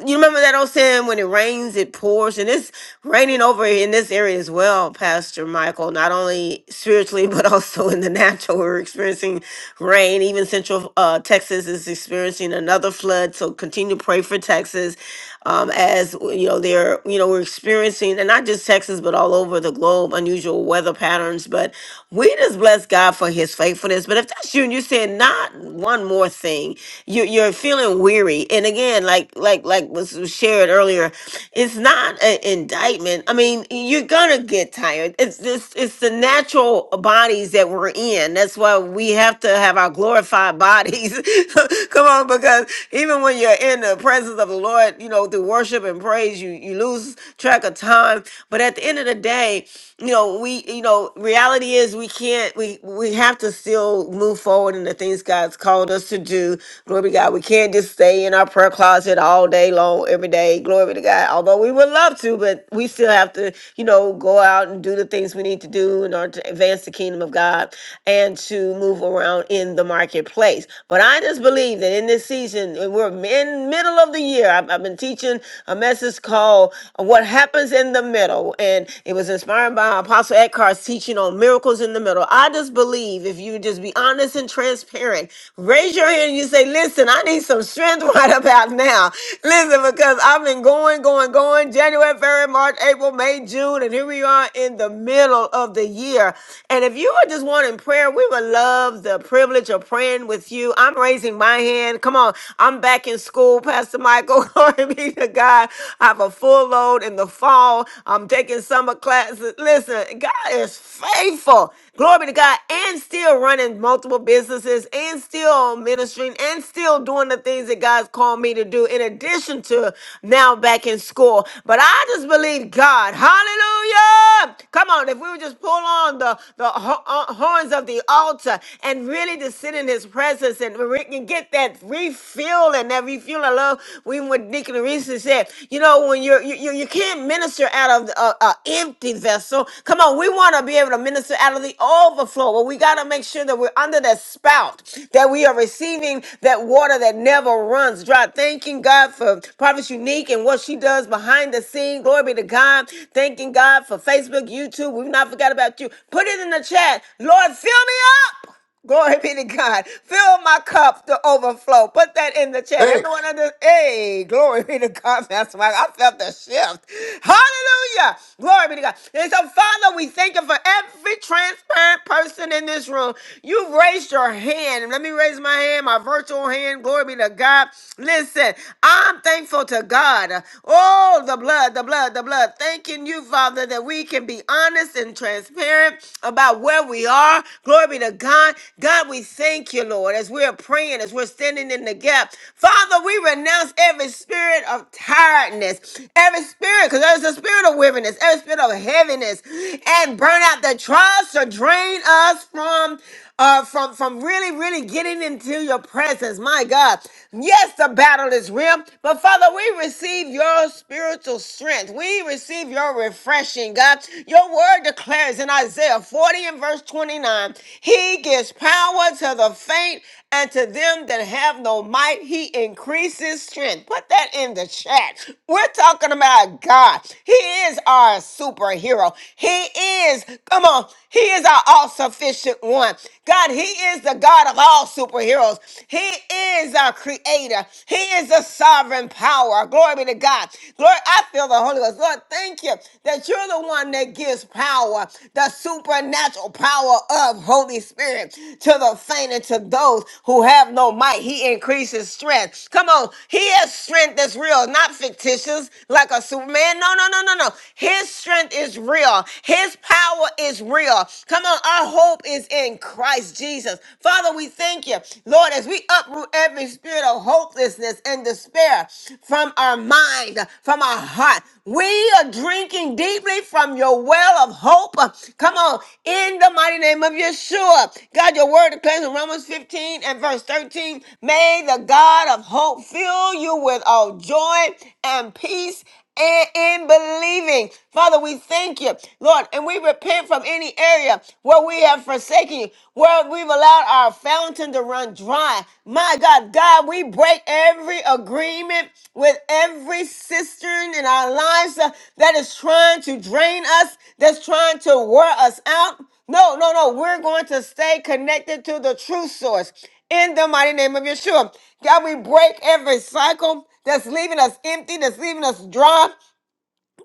B: you remember that old saying, when it rains, it pours, and it's raining over in this area as well, Pastor Michael. Not only spiritually, but also in the natural, we're experiencing rain. Even Central uh, Texas is experiencing another flood. So continue to pray for Texas um, as you know they're you know we're experiencing and not just texas but all over the globe unusual weather patterns but we just bless god for his faithfulness but if that's you and you said not one more thing you, you're feeling weary and again like like like was shared earlier it's not an indictment i mean you're gonna get tired it's this it's the natural bodies that we're in that's why we have to have our glorified bodies come on because even when you're in the presence of the Lord, you know, through worship and praise, you you lose track of time. But at the end of the day, you know, we you know, reality is we can't we we have to still move forward in the things God's called us to do. Glory be to God. We can't just stay in our prayer closet all day long, every day. Glory be to God. Although we would love to, but we still have to, you know, go out and do the things we need to do in order to advance the kingdom of God and to move around in the marketplace marketplace. But I just believe that in this season, and we're in middle of the year. I've, I've been teaching a message called uh, "What Happens in the Middle," and it was inspired by Apostle Eckhart's teaching on miracles in the middle. I just believe if you just be honest and transparent, raise your hand and you say, "Listen, I need some strength right about now." Listen, because I've been going, going, going. January, February, March, April, May, June, and here we are in the middle of the year. And if you are just is one in prayer, we would love the privilege of praying with you. I'm raising my hand. Come on. I'm back in school, Pastor Michael. Glory be to God. I have a full load in the fall. I'm taking summer classes. Listen, God is faithful. Glory be to God. And still running multiple businesses and still ministering and still doing the things that God's called me to do in addition to now back in school. But I just believe God. Hallelujah. Come on, if we would just pull on the, the ho- uh, horns of the altar and really just sit in his presence and we can get that refuel and that refuel. I love when what Deacon Reese said, you know, when you're, you, you, you can't minister out of an empty vessel. Come on, we want to be able to minister out of the overflow, but we got to make sure that we're under that spout, that we are receiving that water that never runs dry. Thanking God for Prophet Unique and what she does behind the scene. Glory Glory be to God. Thanking God for Facebook, YouTube. We've not forgot about you. Put it in the chat. Lord, fill me up. Glory be to God. Fill my cup to overflow. Put that in the chat.
A: Hey.
B: Everyone under, hey, glory be to God. That's why I felt the shift. Hallelujah. Glory be to God. And so, Father, we thank you for every transparent person in this room. You've raised your hand. Let me raise my hand, my virtual hand. Glory be to God. Listen, I'm thankful thankful to God. Oh, the blood, the blood, the blood. Thanking you, Father, that we can be honest and transparent about where we are. Glory be to God. God, we thank you, Lord, as we're praying, as we're standing in the gap. Father, we renounce every spirit of tiredness, every spirit, because there's a spirit of weariness, every spirit of heaviness, and burn out that tries to drain us from uh, from from really, really getting into your presence. My God, yes, the battle is real, but Father, we receive your spiritual strength. We receive your refreshing, God. Your word declares in Isaiah 40 and verse 29, He gives power to the faint and to them that have no might. He increases strength. Put that in the chat. We're talking about God. He is our superhero. He is, come on, He is our our all sufficient one. God, He is the God of all superheroes. He is our creator. He is the sovereign power. Glory be to God. Glory, I feel the Holy Ghost. Lord, thank you that you're the one that gives power, the supernatural power of Holy Spirit to the faint and to those who have no might. He increases strength. Come on. He has strength that's real, not fictitious, like a Superman. No, no, no, no, no. His strength is real. His his power is real. Come on, our hope is in Christ Jesus. Father, we thank you, Lord, as we uproot every spirit of hopelessness and despair from our mind, from our heart. We are drinking deeply from your well of hope. Come on, in the mighty name of Yeshua. God, your word declares in Romans 15 and verse 13 May the God of hope fill you with all joy and peace and in believing. Father, we thank you, Lord, and we repent from any area where we have forsaken you, where we've allowed our fountain to run dry. My God, God, we break every agreement with every cistern in our lives uh, that is trying to drain us, that's trying to wear us out. No, no, no. We're going to stay connected to the true source in the mighty name of Yeshua. God, we break every cycle that's leaving us empty, that's leaving us dry.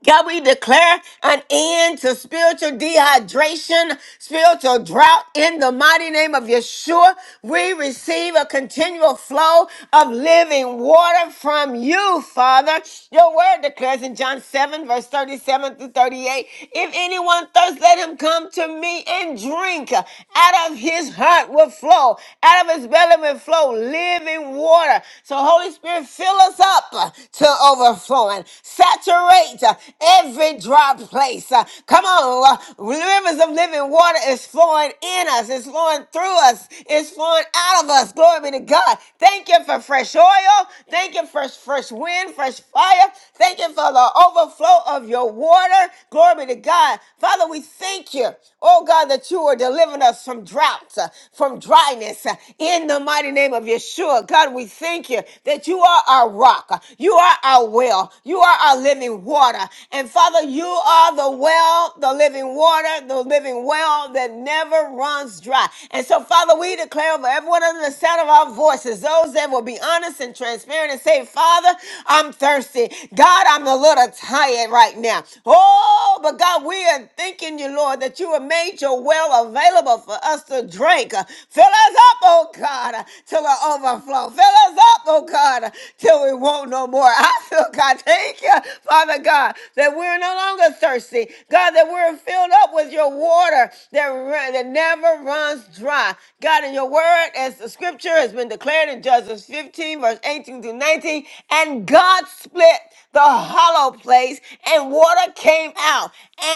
B: God, we declare an end to spiritual dehydration, spiritual drought in the mighty name of Yeshua. We receive a continual flow of living water from you, Father. Your word declares in John 7, verse 37 through 38 If anyone thirsts, let him come to me and drink. Out of his heart will flow, out of his belly will flow living water. So, Holy Spirit, fill us up up uh, to overflowing. Saturate uh, every dry place. Uh, Come on, uh, rivers of living water is flowing in us, it's flowing through us, it's flowing out of us. Glory be to God. Thank you for fresh oil. Thank you for fresh wind, fresh fire. Thank you for the overflow of your water. Glory be to God. Father, we thank you, oh God, that you are delivering us from droughts, uh, from dryness, uh, in the mighty mighty name of Yeshua. God, we thank you that you are our rock. You are our well. You are our living water. And Father, you are the well, the living water, the living well that never runs dry. And so, Father, we declare over everyone under the sound of our voices, those that will be honest and transparent and say, Father, I'm thirsty. God, I'm a little tired right now. Oh, but God, we are thanking you, Lord, that you have made your well available river for us to drink. Fill us up, oh God, till we overflow. Fill us up, oh God, till we won't no more. I feel God, thank you, Father God, that we're no longer thirsty. God, that we're filled up with your water that, run, that never runs dry. God, in your word, as the scripture has been declared in Judges 15, verse 18 to 19, and God split the hollow place, and water came out,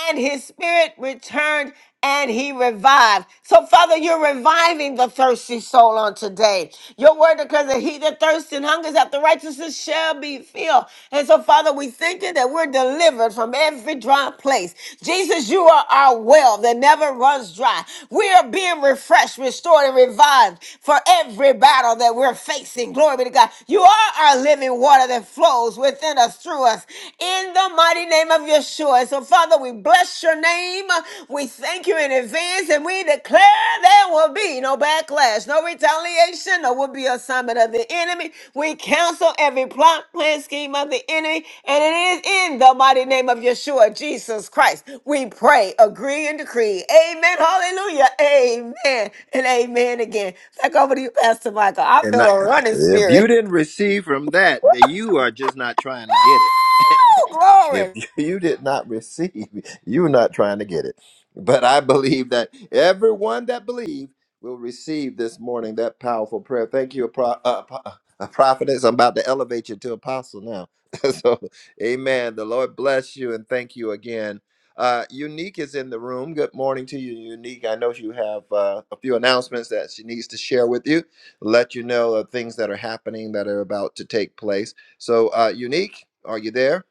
B: and his spirit returned and he revived. So, Father, you're reviving the thirsty soul on today. Your word declares that he that thirsts and hungers after righteousness shall be filled. And so, Father, we thank you that we're delivered from every dry place. Jesus, you are our well that never runs dry. We are being refreshed, restored, and revived for every battle that we're facing. Glory be to God. You are our living water that flows within us, through us. In the mighty name of Yeshua. So, Father, we bless your name. We thank you in advance and we declare there will be no backlash, no retaliation, no will be assignment of the enemy. We cancel every plot, plan, scheme of the enemy, and it is in the mighty name of Yeshua, Jesus Christ. We pray, agree, and decree. Amen. Hallelujah. Amen. And amen again. Back over to you, Pastor Michael. I
A: And
B: feel
A: not,
B: a running
A: if you
B: spirit.
A: didn't receive from that, then you are just not trying to get it.
B: Woo!
A: if
B: Glory.
A: you did not receive, you're not trying to get it. But I believe that everyone that believes will receive this morning that powerful prayer. Thank you, pro, uh, pro- uh, prophetess. I'm about to elevate you to apostle now. so, amen. The Lord bless you and thank you again. Uh, Unique is in the room. Good morning to you, Unique. I know you have uh, a few announcements that she needs to share with you let you know of things that are happening that are about to take place. So, uh, Unique, are you there?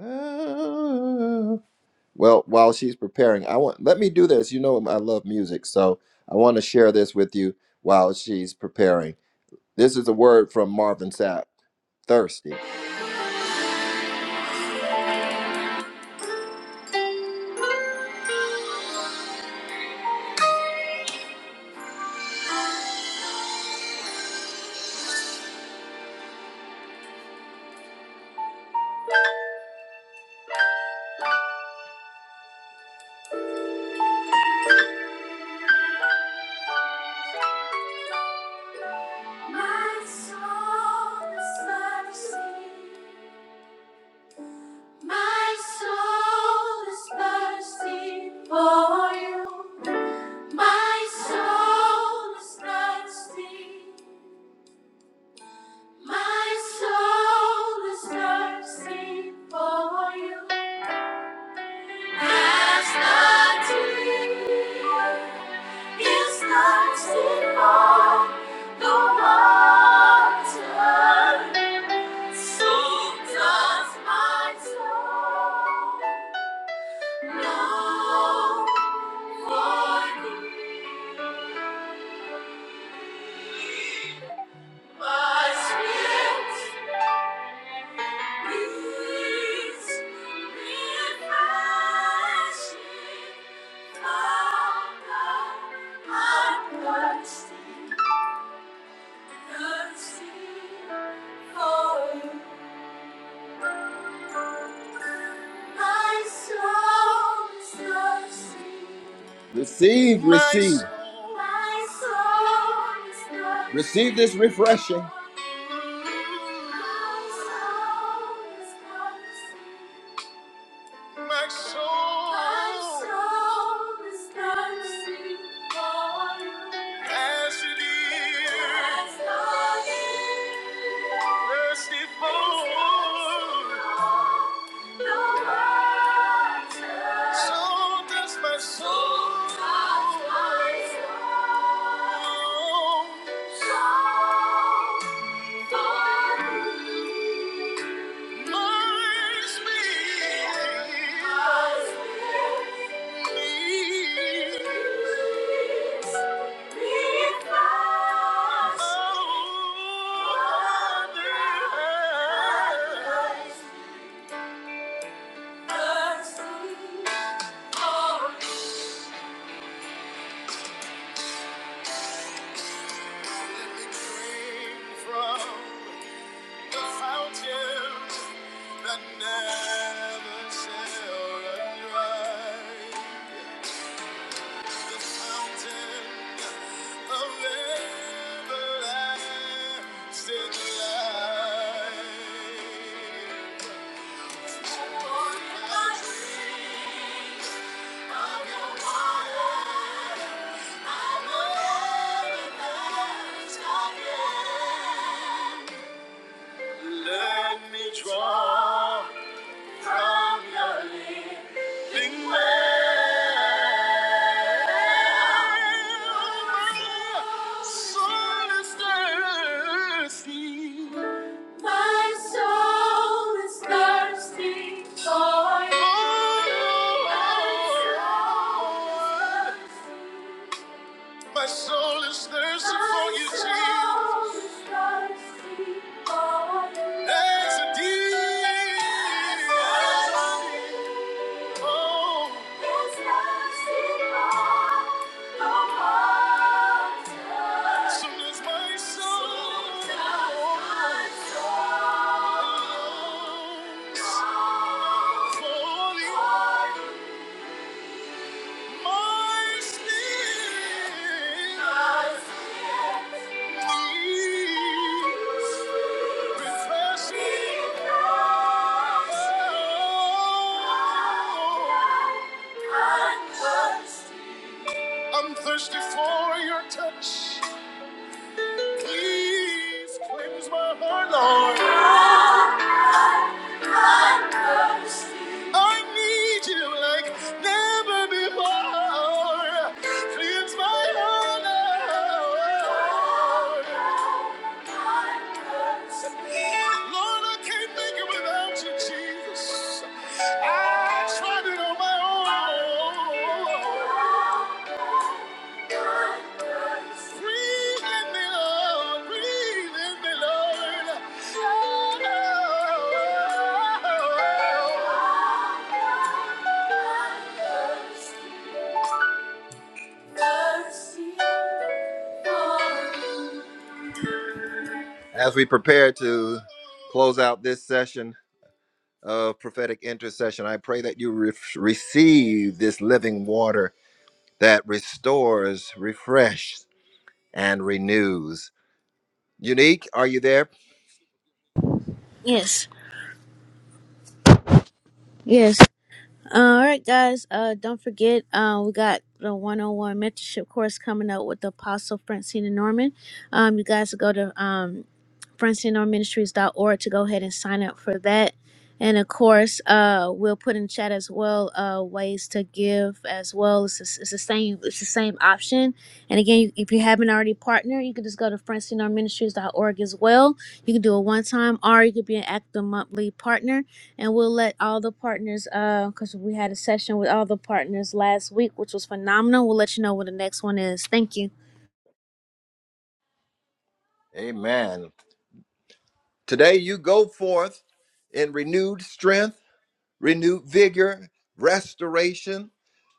A: Ah. Well, while she's preparing, I want let me do this. You know, I love music, so I want to share this with you while she's preparing. This is a word from Marvin Sapp, thirsty. My soul is thirsty. My soul is thirsty for you. My soul is thirsty. My soul is thirsty for you. As the deer is thirsty for the water, so does my soul long for thee. My spirit. Receive, receive. Receive this refreshing. My soul, my soul is thirsty for you. As it is, As long as it is. thirsty for thirsty for the water. So does my soul. So does my soul. Long for thee. Never shall run dry. Fountain Let me draw from your living well. My soul is thirsty. My soul is thirsty for you. My soul is thirsty for you, Jesus. My soul is thirsty for you. That's a deep. Oh. It's thirsty my soul. I'm thirsty for your touch. I'm thirsty, I'm thirsty. I'm thirsty. Breathe in me, Lord. Breathe in me, Lord. As we prepare to close out this session of prophetic intercession, I pray that you re- receive this living water that restores, refreshes, and renews. Unique, are you there?
G: Yes. Yes. Uh, all right, guys. Uh, don't forget, uh, we got the 101 mentorship course coming up with the Apostle Francina Norman. Um, you guys go to um, francina norman ministries dot org to go ahead and sign up for that. And of course, uh, we'll put in chat as well uh, ways to give as well. It's, the- it's the same. It's the same option. And again, if you haven't already partnered, you can just go to francinoministries.org as well. You can do a one time or you could be an active monthly partner. And we'll let all the partners, because we had a session with all the partners last week, which was phenomenal. We'll let you know what the next one is. Thank you.
A: Amen. Today you go forth in renewed strength, renewed vigor, restoration,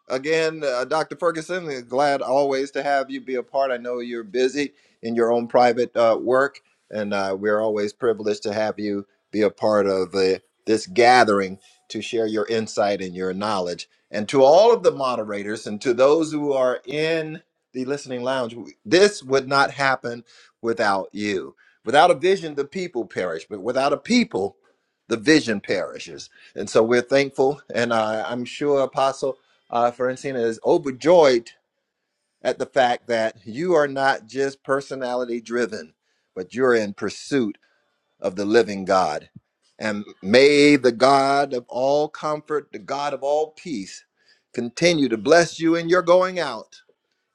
A: Again, uh, Dr. Ferguson, glad always to have you be a part. I know you're busy in your own private uh, work, and uh, we're always privileged to have you be a part of uh, this gathering to share your insight and your knowledge. And to all of the moderators and to those who are in the listening lounge, w- this would not happen without you. Without a vision, the people perish, but without a people, the vision perishes. And so we're thankful. And uh, I'm sure, Apostle, uh, Francina is overjoyed at the fact that you are not just personality driven, but you're in pursuit of the living God. And may the God of all comfort, the God of all peace, continue to bless you in your going out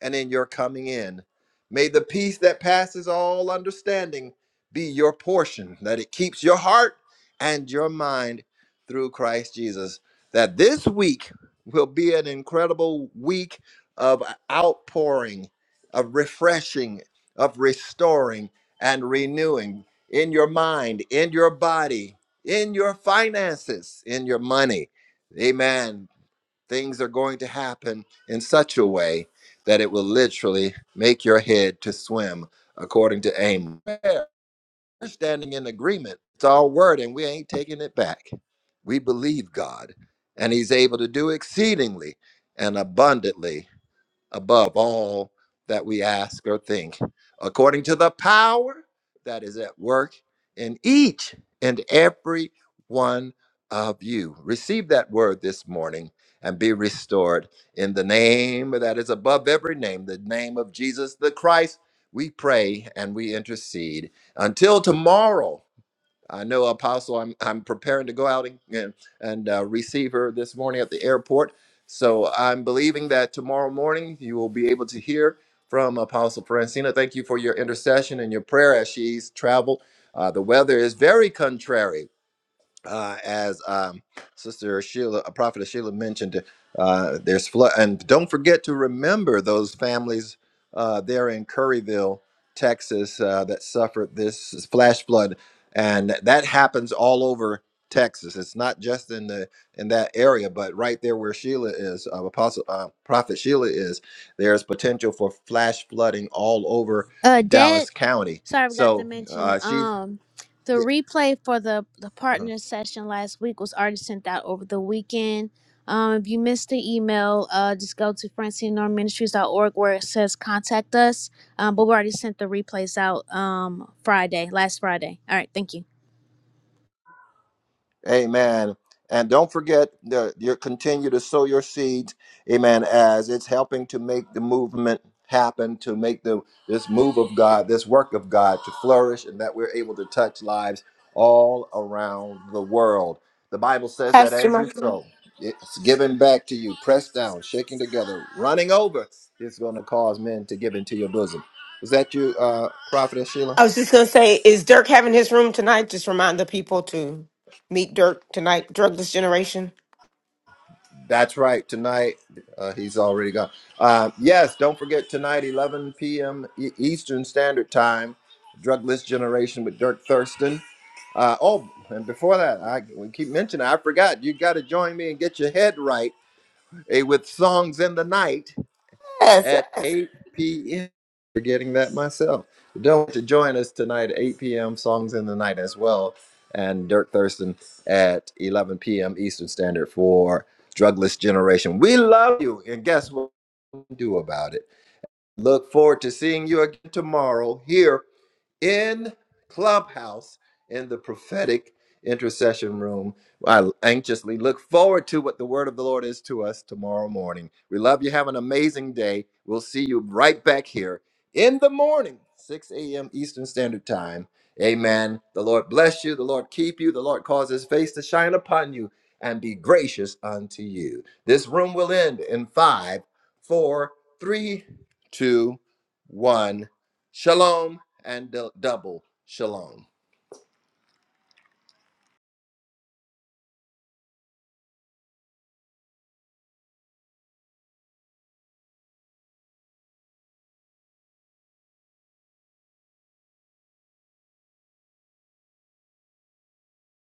A: and in your coming in. May the peace that passes all understanding be your portion, that it keeps your heart and your mind through Christ Jesus. That this week will be an incredible week of outpouring, of refreshing, of restoring and renewing in your mind, in your body, in your finances, in your money. Amen things are going to happen in such a way that it will literally make your head to swim, according to Amos. We're standing in agreement. It's our word, and we ain't taking it back. We believe God, and He's able to do exceedingly and abundantly above all that we ask or think, according to the power that is at work in each and every one of you. Receive that word this morning and be restored in the name that is above every name, the name of Jesus the Christ. We pray and we intercede. Until tomorrow, I know, Apostle, I'm, I'm preparing to go out and, and, and, uh, receive her this morning at the airport. So I'm believing that tomorrow morning you will be able to hear from Apostle Francina. Thank you for your intercession and your prayer as she's traveled. Uh, the weather is very contrary uh, as um, Sister Sheila, a prophet Sheila mentioned, uh, there's flood, and don't forget to remember those families uh, there in Curryville, Texas, uh, that suffered this flash flood, and that happens all over Texas. It's not just in the in that area, but right there where Sheila is, uh, Apostle uh, Prophet Sheila is, there's potential for flash flooding all over
G: Uh, Dad,
A: Dallas County.
G: sorry, I forgot to
A: So
G: mention.
A: uh, she.
G: Um, the replay for the the partner session last week was already sent out over the weekend. Um, if you missed the email, uh, just go to francinenormministries.org where it says contact us. Um, but we already sent the replays out um Friday, last Friday. All right, thank you.
A: Amen. And don't forget that you continue to sow your seeds, amen, as it's helping to make the movement happen, to make the this move of God, this work of God to flourish, and that we're able to touch lives all around the world. The Bible says that
B: Pastor
A: as you
B: Michael.
A: sow, it's given back to you, pressed down, shaking together, running over. It's going to cause men to give into your bosom. Is that you, uh, Prophet Sheila?
B: I was just gonna say, is Dirk having his room tonight? Just remind the people to meet Dirk tonight, Drugless Generation.
A: That's right. Tonight, uh, he's already gone. Uh, yes, don't forget tonight, 11 p.m. E- Eastern Standard Time, Drugless Generation with Dirk Thurston. Uh, oh, and before that, I we keep mentioning, I forgot, you got to join me and get your head right eh, with Songs in the Night
B: Yes,
A: at
B: yes.
A: 8 p.m. Forgetting that myself. Don't forget to join us tonight at 8 p.m. Songs in the Night as well, and Dirk Thurston at 11 p.m. Eastern Standard for Drugless Generation. We love you, and guess what? we Do about it. Look forward to seeing you again tomorrow here in Clubhouse in the prophetic intercession room. I anxiously look forward to what the word of the Lord is to us tomorrow morning. We love you. Have an amazing day. We'll see you right back here in the morning, 6 a.m. Eastern Standard Time. Amen. The Lord bless you. The Lord keep you. The Lord cause his face to shine upon you and be gracious unto you. This room will end in five, four, three, two, one. Shalom and double shalom.